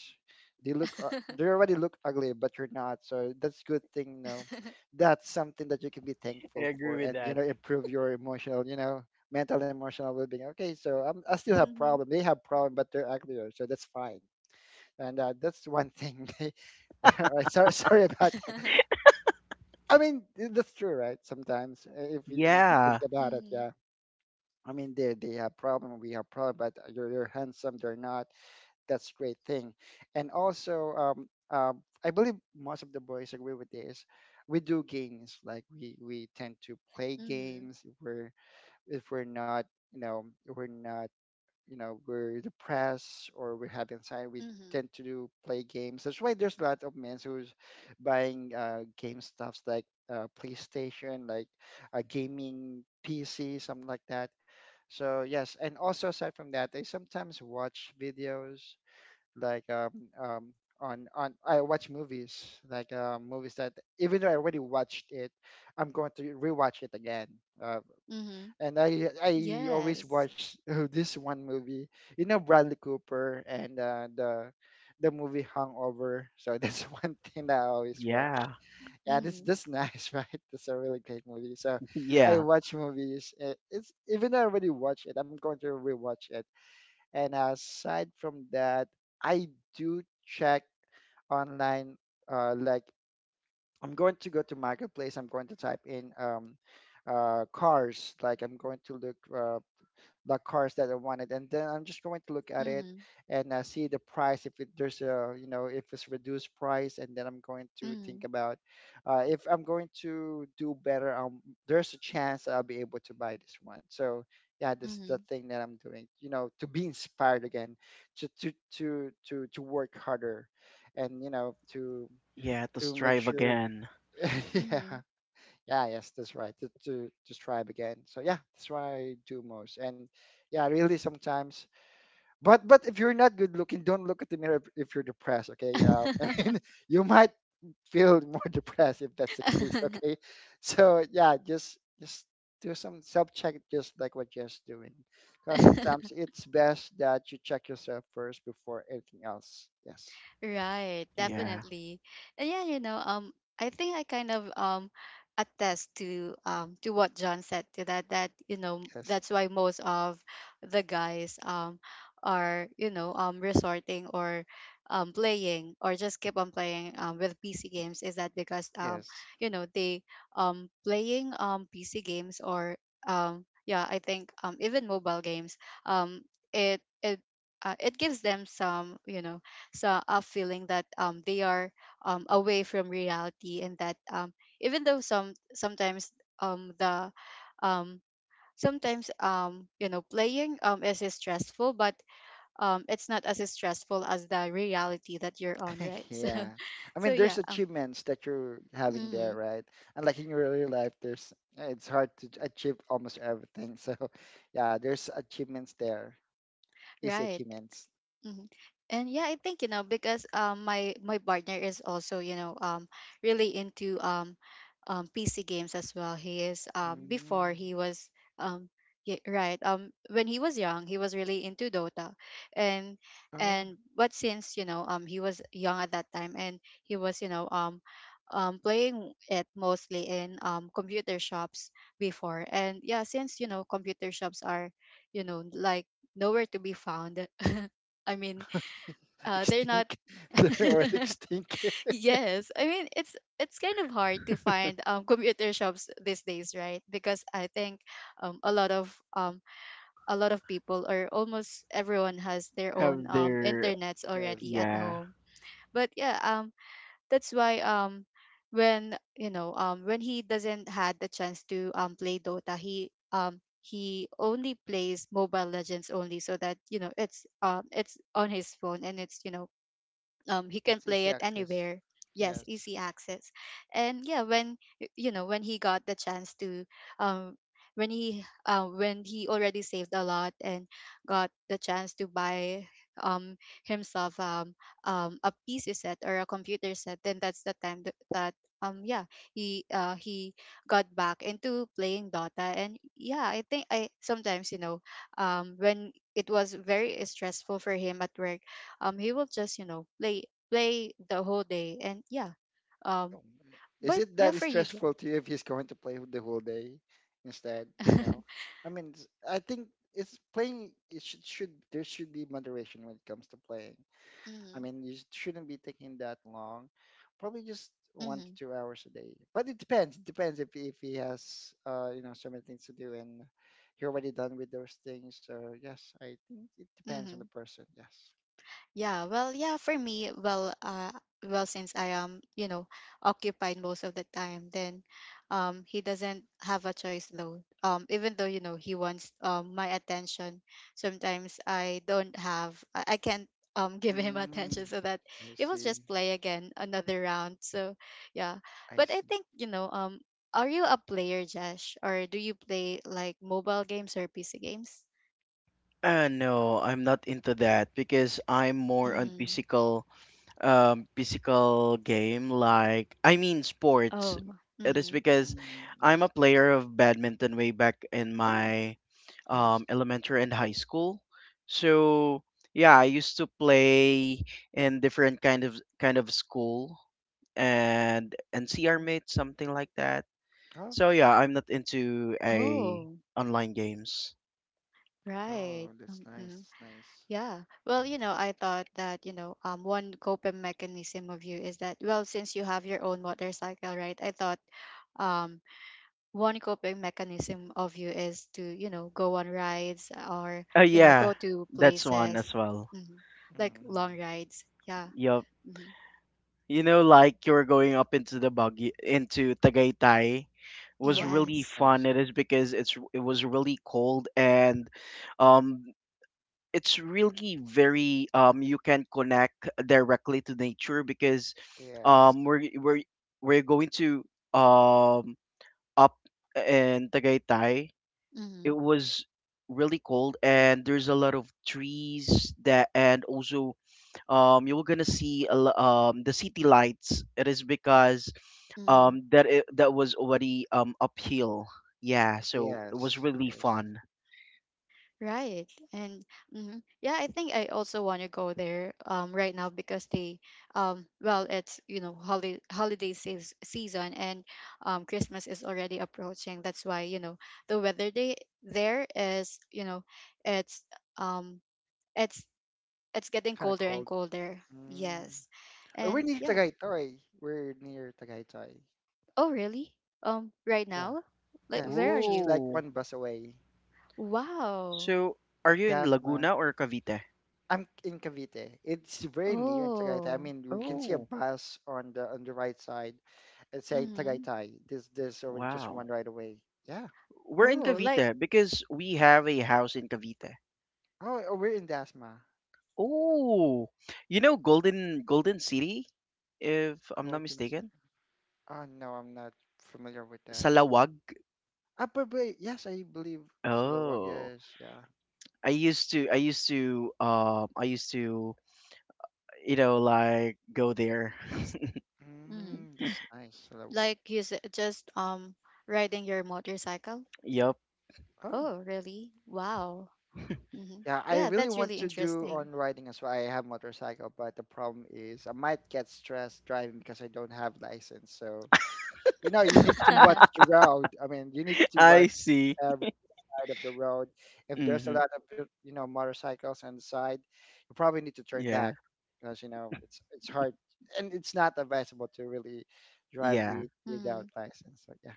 they look, uh, they
(laughs)
already look ugly but you're not, so that's good thing, no, that's something that you can be
I
thankful for,
agree with
and, you
that.
know, improve your emotional, you know, mental emotional well-being. Okay, so I'm, I still have
Mm-hmm.
problem, they have problem, but they're uglier, so that's fine. And uh, that's one thing. (laughs) All right, sorry, sorry about that.
(laughs)
I mean, th- that's true, right? Sometimes, uh, if you, if you think
Yeah,
about it,
Mm-hmm.
yeah, I mean, they they have problem, we have problem, but you're, you're handsome, they're not. That's great thing. And also, um, um, I believe most of the boys agree with this. We do games like we we tend to play
Mm-hmm.
games. If we're if we're not you know we're not you know we're depressed or we have anxiety, we
Mm-hmm.
tend to do play games. That's why there's a lot of men who's buying uh, game stuffs like uh, PlayStation, like a gaming P C, something like that. So yes, and also aside from that, I sometimes watch videos like um, um, on on I watch movies like uh, movies that even though I already watched it, I'm going to rewatch it again. Uh,
Mm-hmm.
and I I always
Yes.
watch (laughs) this one movie, you know Bradley Cooper and uh, the the movie Hangover. So that's (laughs) one thing that I always watch.
yeah,
Yeah, this
Mm-hmm.
this nice, (laughs) right? That's a really great movie. So
(laughs)
I
yeah,
watch movies. uh, It's even though I already watched it, I'm going to rewatch it, and uh, aside from that, I do check online. Uh, like I'm going to go to marketplace. I'm going to type in um, uh, cars. Like I'm going to look uh, the cars that I wanted, and then I'm just going to look at it
Mm-hmm.
and uh, see the price if it, there's a you know if it's reduced price, and then I'm going to
Mm-hmm.
think about uh, if I'm going to do better. Um, there's a chance I'll be able to buy this one. So yeah, that's the thing that I'm doing. You know, to be inspired again, to to to to to work harder, and you know to
yeah. To
to make
strive
sure.
again.
(laughs)
Mm-hmm.
Yeah, yeah, yes, that's right. To, to to strive again. So yeah, that's what I do most. And yeah, really sometimes. But but if you're not good looking, don't look at the mirror if, if you're depressed. Okay. Uh, (laughs) I mean, you might feel more (laughs) depressed if that's the case.
Mm-hmm.
Okay. So yeah, just just do some self check, just like what just doing. Because sometimes
(laughs)
it's best that you check yourself first before anything else. Yes.
Right,
Yeah,
definitely. And yeah, you know, um, I think I kind of um attest to um to what John said, to that that you know
Yes.
that's why most of the guys um are, you know um resorting or um playing, or just keep on playing um with P C games. Is that because um
Yes.
you know they um playing um P C games, or um yeah, I think um even mobile games, um it it uh, it gives them some, you know so, a feeling that um they are um away from reality. And that um even though some sometimes um the um sometimes um you know playing um is stressful, but um it's not as stressful as the reality that you're on, right?
(laughs)
(laughs) So
Yeah. I
so
mean, there's
yeah um
achievements that you're having there,
mhm,
right? And like in your real life, there's it's hard to ch- achieve almost everything. So, (laughs) yeah, there's achievements there, easy
right.
achievements.
Mhm. And yeah, I think you know because um my my partner is also, you know um really into um um P C games as well. He is um before
Mm.
he was um yeah, right, um when he was young, he was really into Dota. and
Oh,
and but since, you know um he was young at that time, and he was, you know um um playing it mostly in um computer shops before. And yeah, since, you know computer shops are, you know like nowhere to be found. (laughs) I mean,
(laughs)
uh, they're not.
extinct. (laughs) or
(laughs)
extinct. (laughs)
Yes, I mean, it's it's kind of hard to find, um, computer shops these days, right? Because I think um, a lot of um, a lot of people, or almost everyone, has their own,
have
um,
their
internets
Yes,
already at
yeah.
home. But yeah, um, that's why, um, when, you know um, when he doesn't had the chance to, um, play Dota, he um, he only plays mobile legends only, so that you know it's um it's on his phone, and it's, you know um he can
it's
play
easy
it
access.
anywhere. Yes,
Yes.
easy access. And yeah, when, y- you know when he got the chance to, um when he uh, when he already saved a lot and got the chance to buy um himself um um a P C set or a computer set, then that's the time th- that um yeah he uh he got back into playing Dota. And yeah, I think, I sometimes, you know um when it was very stressful for him at work, um he will just, you know play play the whole day. And yeah
Oh,
um
is
but
it
yeah,
that
for you, Jack.
stressful to you if he's going to play the whole day instead? You know,
(laughs)
I mean, it's, I think it's playing. It should should there should be moderation when it comes to playing. I
Mm-hmm,
mean, you shouldn't be taking that long. Probably just one to
mm-hmm,
two hours a day. But it depends. It depends if if he has uh you know so many things to do and he already done with those things. So yes, I think it depends on the
mm-hmm.
person. Yes.
Yeah, well, yeah, for me, well, uh, well, since I am, you know, occupied most of the time, then, um, he doesn't have a choice though. Um, even though, you know, he wants, um, my attention, sometimes I don't have, I, I can't, um, (laughs) give him
Mm,
attention, so that
I
it was
see.
just play again another round. So, yeah,
I
but I
see.
think, you know, um, are you a player, Josh, or do you play like mobile games or P C games?
Uh, no, I'm not into that because I'm more on
Mm.
physical um, physical game, like I mean sports.
Oh.
It is
Mm-hmm.
because
Mm,
I'm
yes.
a player of badminton way back in
Oh.
my
Nice.
um, elementary and high school. So yeah, I used to play in different kind of kind of school and N C R
Mm.
mates, something like that.
Oh,
So yeah, I'm not into a
Oh.
online games.
oh,
Right.
that's nice.
Mm-mm.
That's nice.
Yeah. Well, you know, I thought that, you know, um, one coping mechanism of you is that, well, since you have your own motorcycle, right? I thought um, one coping mechanism of you is to, you know, go on rides, or,
Uh,
you know,
yeah,
go to
that's one as
places,
well.
hmm, like
Mm-hmm.
long rides. Yeah.
Yup.
Hmm.
You know, like you're going up into the Baguio, into Tagaytay was
Oh,
really
Yes.
fun.
nice.
It is because it's, it was really cold and um it's really very um you can connect directly to nature because
Yes.
um we're we're we're going to um up in Tagaytay.
Mm-hmm.
It was really cold and there's a lot of trees that, and also um, you're gonna see a lo- um, the city lights. It is because
Mm-hmm.
um, that it, that was already um, uphill. Yeah, so it was
Yes.
really
Yes.
fun.
Right. And mhm, yeah, I think I also want to go there um right now, because they um well, it's, you know holiday holiday seas- season, and um Christmas is already approaching. That's why, you know, the weather day there is, you know, it's um it's it's getting
Kind of
colder and
cold.
colder.
Mm.
Yes.
Oh, we're
And
near
yeah.
Tagaytoy. We're near Tagaytoy.
Oh, really? Um right
Yeah.
now? Like,
Yes.
where
It's
are
just
you?
like
Oh,
one bus away.
Wow.
so are you in
Dasma.
Laguna or Cavite?
I'm in Cavite. It's very near in Tagaytay. I
Oh.
mean, we can see a
Oh,
bus on the on the right side. It's saying
Mhm.
Tagaytay. This this already just
wow.
one right away. Yeah.
We're in
Oh, like
Cavite because we have a house in Cavite.
Oh, oh, we're in Dasma.
Oh, you know Golden Golden City, if I'm not
Colton.
mistaken,
Oh no, I'm not familiar with that.
Salawag.
Ah, but wait, yes, I believe Salawag.
Oh,
Yes, yeah.
I used to I used to um I used to, you know, like go there.
mhm.
Mm, that's nice, Salawag.
Like you said, just um riding your motorcycle?
Yep.
Oh,
Oh, really? Wow. Hmm.
yeah. I
Yeah,
really
that's
want
really
to do
interesting.
on riding as well. I have motorcycle, but the problem is I might get stressed driving because I don't have license. So you know, you need to watch
(laughs)
the road. I mean, you need
(laughs)
to
I
watch
see.
side of the road. If there's a
Mm-hmm.
lot of uh, you know motorcycles on the side, you probably need to turn
Yeah.
back because you know it's it's hard and it's not advisable to really drive
Yeah.
with, without
Hmm.
license. So yeah,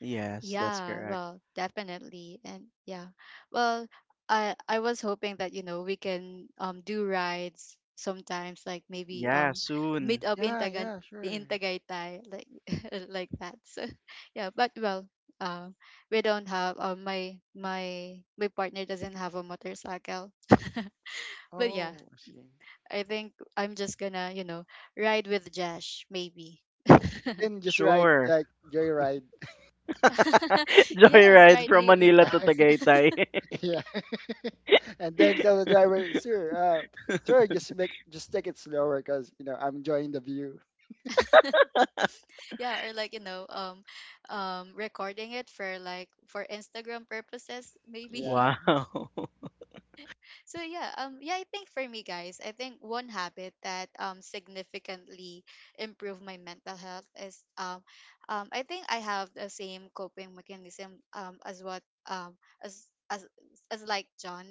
Yes, that's
Yeah,
correct.
well, definitely. And yeah. Well, I I was hoping that, you know, we can um do rides sometimes, like maybe
Yeah,
um
soon.
meet up in
yeah,
Tagan
yeah, sure.
in Tagaytay, like (laughs) like that. So (laughs) yeah, but well, um we don't have, um my my my partner doesn't have a motorcycle. But yeah,
Oh, I see.
I think I'm just gonna, you know, ride with Jash, maybe. (laughs)
Then just ride
Sure.
like joyride.
(laughs)
Yes,
Joyride
ride
from
hailing
Manila to
(laughs)
apps.
Tagaytay.
Yeah, (laughs) and then
(laughs)
tell the driver, sir, uh, sir, just make just take it slower because you know I'm enjoying the view.
(laughs) Yeah, or like, you know, um um recording it for like for Instagram purposes, maybe. (laughs)
Yeah.
Wow.
So yeah, um yeah, I think for me, guys, I think one habit that um significantly improved my mental health is um um I think I have the same coping mechanism um as what um as as as like John.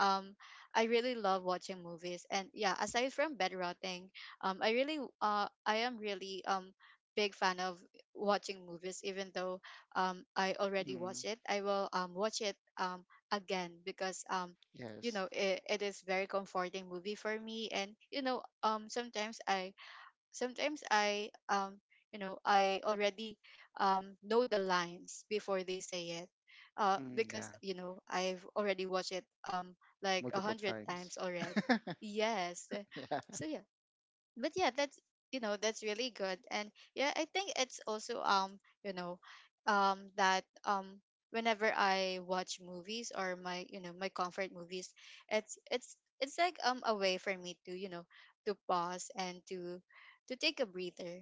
Um I really love watching movies. And yeah, aside from bed rotting, um I really uh I am really um big fan of watching movies even though um I already watch
Mm,
it. I will um watch it um again because um you
yes.
know it, it is very comforting movie for me. And you know um sometimes i sometimes I um you know I already um know the lines before they say it, uh
Mm,
because
yeah.
you know I've already watched it um like a
Multiple
hundred
times.
times already.
(laughs)
Yes.
Yeah.
So
(laughs)
yeah. But yeah, that's you know that's really good. And yeah, I think it's also um you know um that um whenever I watch movies or my you know my comfort movies. It's it's it's like um a way for me to you know to pause and to to take a breather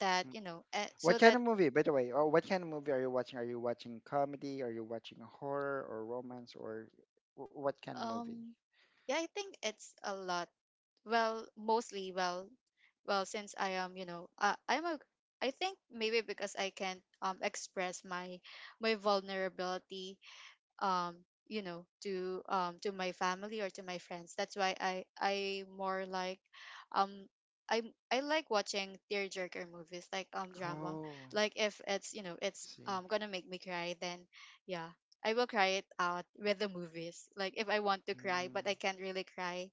that you know eh, so
What kind
that
of movie, by the way, or what kind of movie are you watching? Are you watching comedy? Are you watching horror or romance or wh- what kind of movie?
um Yeah, I think it's a lot. Well, mostly. Well, well, since I am, you know, uh, I'm a, I think maybe because I can't um express my my vulnerability, um you know to um to my family or to my friends. That's why I I more like, um i I like watching tearjerker movies, like um drama.
Oh,
Like,
I
if it's you know it's
see.
um gonna make me cry, then yeah, I will cry it out with the movies. Like, if I want to cry but I can't really cry,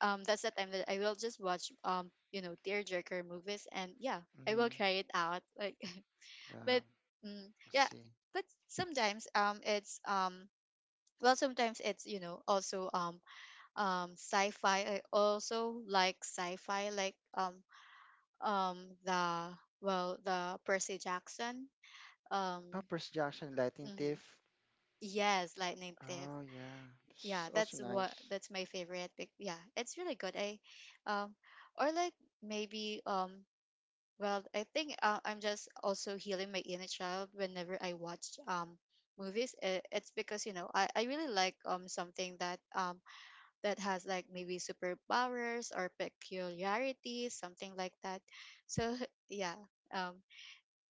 um that's the time that I will just watch, um you know tearjerker movies. And yeah, I
Mm-hmm.
will cry it out, like. (laughs)
Uh,
But
I
mm, yeah.
see.
But sometimes um it's um well, sometimes it's you know also um um sci-fi. I also like sci-fi, like um um the well the Percy Jackson. um
Oh, Percy Jackson, Lightning
mhm.
Thief.
Yes, Lightning Thief.
Oh, yeah. It's
Yeah,
also
that's what
nice.
that's my favorite pic-. Yeah, it's really good. I um or, like, maybe, um well, I think, uh, I'm just also healing my inner child whenever I watch um movies. I- it's because you know i, I really like um something that um that has, like, maybe superpowers or peculiarities, something like that. So, (laughs) yeah. um,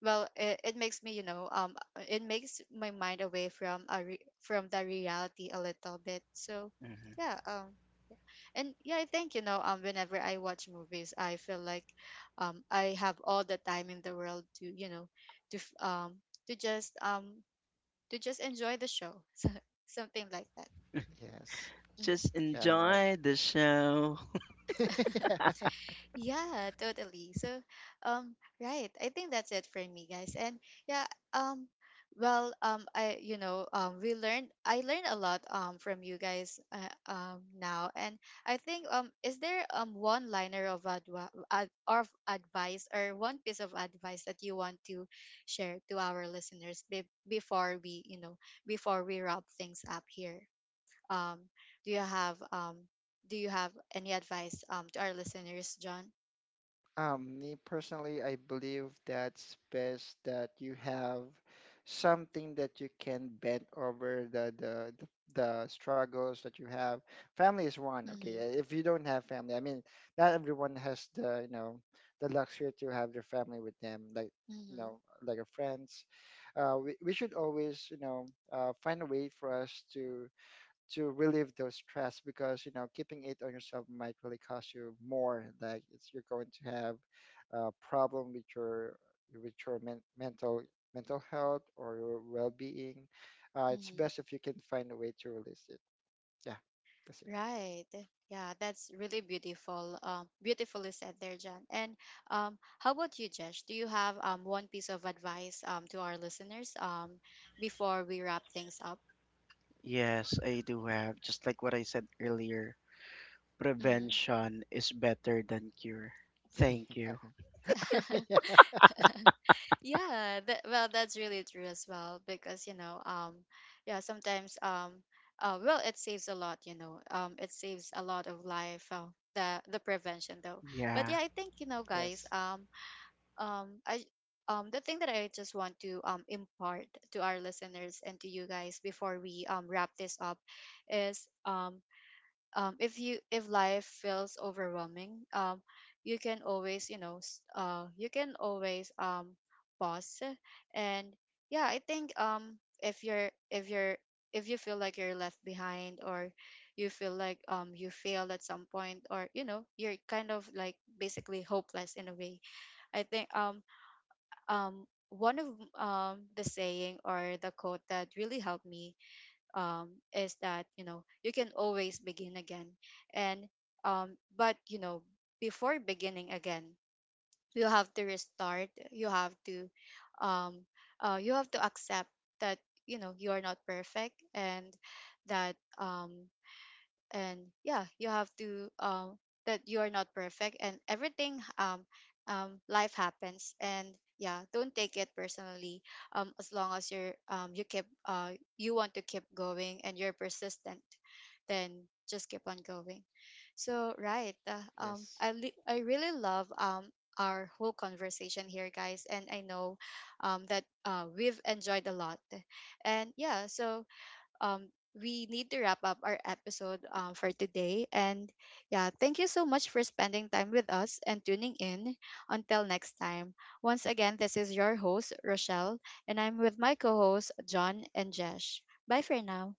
well, it, it makes me, you know, um, it makes my mind away from a re- from the reality a little bit. So
(laughs)
yeah. Um, and yeah, I think, you know, um, whenever I watch movies, I feel like, um, I have all the time in the world to, you know, to f- um to just um to just enjoy the show. (laughs) So, something like that.
Yes.
Mhm.
Just
Yeah,
enjoy the show.
right.
(laughs)
(laughs)
Yeah, totally. So, um, right. I think that's it for me, guys. And yeah. um, well, um, I, you know, um, we learned, I learned a lot, um, from you guys, uh, um, now. And I think, um, is there, um, one liner of advi- ad- of advice, or one piece of advice that you want to share to our listeners be- before we, you know, before we wrap things up here? Um, do you have, um, do you have any advice, um, to our listeners, John?
Um, me personally, I believe that's best that you have something that you can bend over the the the, the struggles that you have. Family is one, okay.
Mhm.
uh, If you don't have family, I mean, not everyone has the you know the luxury to have their family with them, like you
Mhm.
know, like a friends. Uh, we we should always you know uh, find a way for us to to relieve those stress because you know keeping it on yourself might really cost you more like it's you're going to have a problem with your with your men- mental mental health or your well-being. Uh, it's
Mhm.
best if you can find a way to release it, yeah, that's
Right. eh, Yeah, that's really beautiful. Um, beautifully said there, Jan. And um, how about you, Jesh? Do you have um one piece of advice um to our listeners um before we wrap things up?
Yes, I do have. Just like what I said earlier,
Mm-hmm.
prevention is better than cure. Thank you.
it. (laughs) Yeah,
(laughs)
(laughs) yeah.
Yeah. That, well, that's really true as well because you know um yeah, sometimes. Um uh well, it saves a lot, you know um it saves a lot of life, uh, the the prevention though. But
Yeah.
yeah, I think, you know guys,
Yes,
um um I um the thing that I just want to um impart to our listeners and to you guys before we um wrap this up is, um um if you if life feels overwhelming, um you can always, you know s- uh you can always, um pause. And yeah, I think, um if you're if you're if you feel like you're left behind, or you feel like um you failed at some point, or you know you're kind of, like, basically hopeless in a way. I think, um um, one of, um, the saying or the quote that really helped me, um, is that, you know you can always begin again. And, um, but, you know before beginning again, you have to restart. You have to, um, uh, you have to accept that, you know you are not perfect, and that, um, and yeah, you have to, um that you are not perfect and everything. Um um life happens, and yeah, don't take it personally. Um as long as you're um you keep, uh you want to keep going, and you're persistent, then just keep on going. So right. uh, um
yes.
i li- I really love um our whole conversation here, guys. And I know um that, uh we've enjoyed a lot. And yeah, so, um, we need to wrap up our episode, um, for today. And yeah, thank you so much for spending time with us and tuning in. Until next time, once again, this is your host, Rochelle, and I'm with my co hosts, John and Jesh. Bye for now.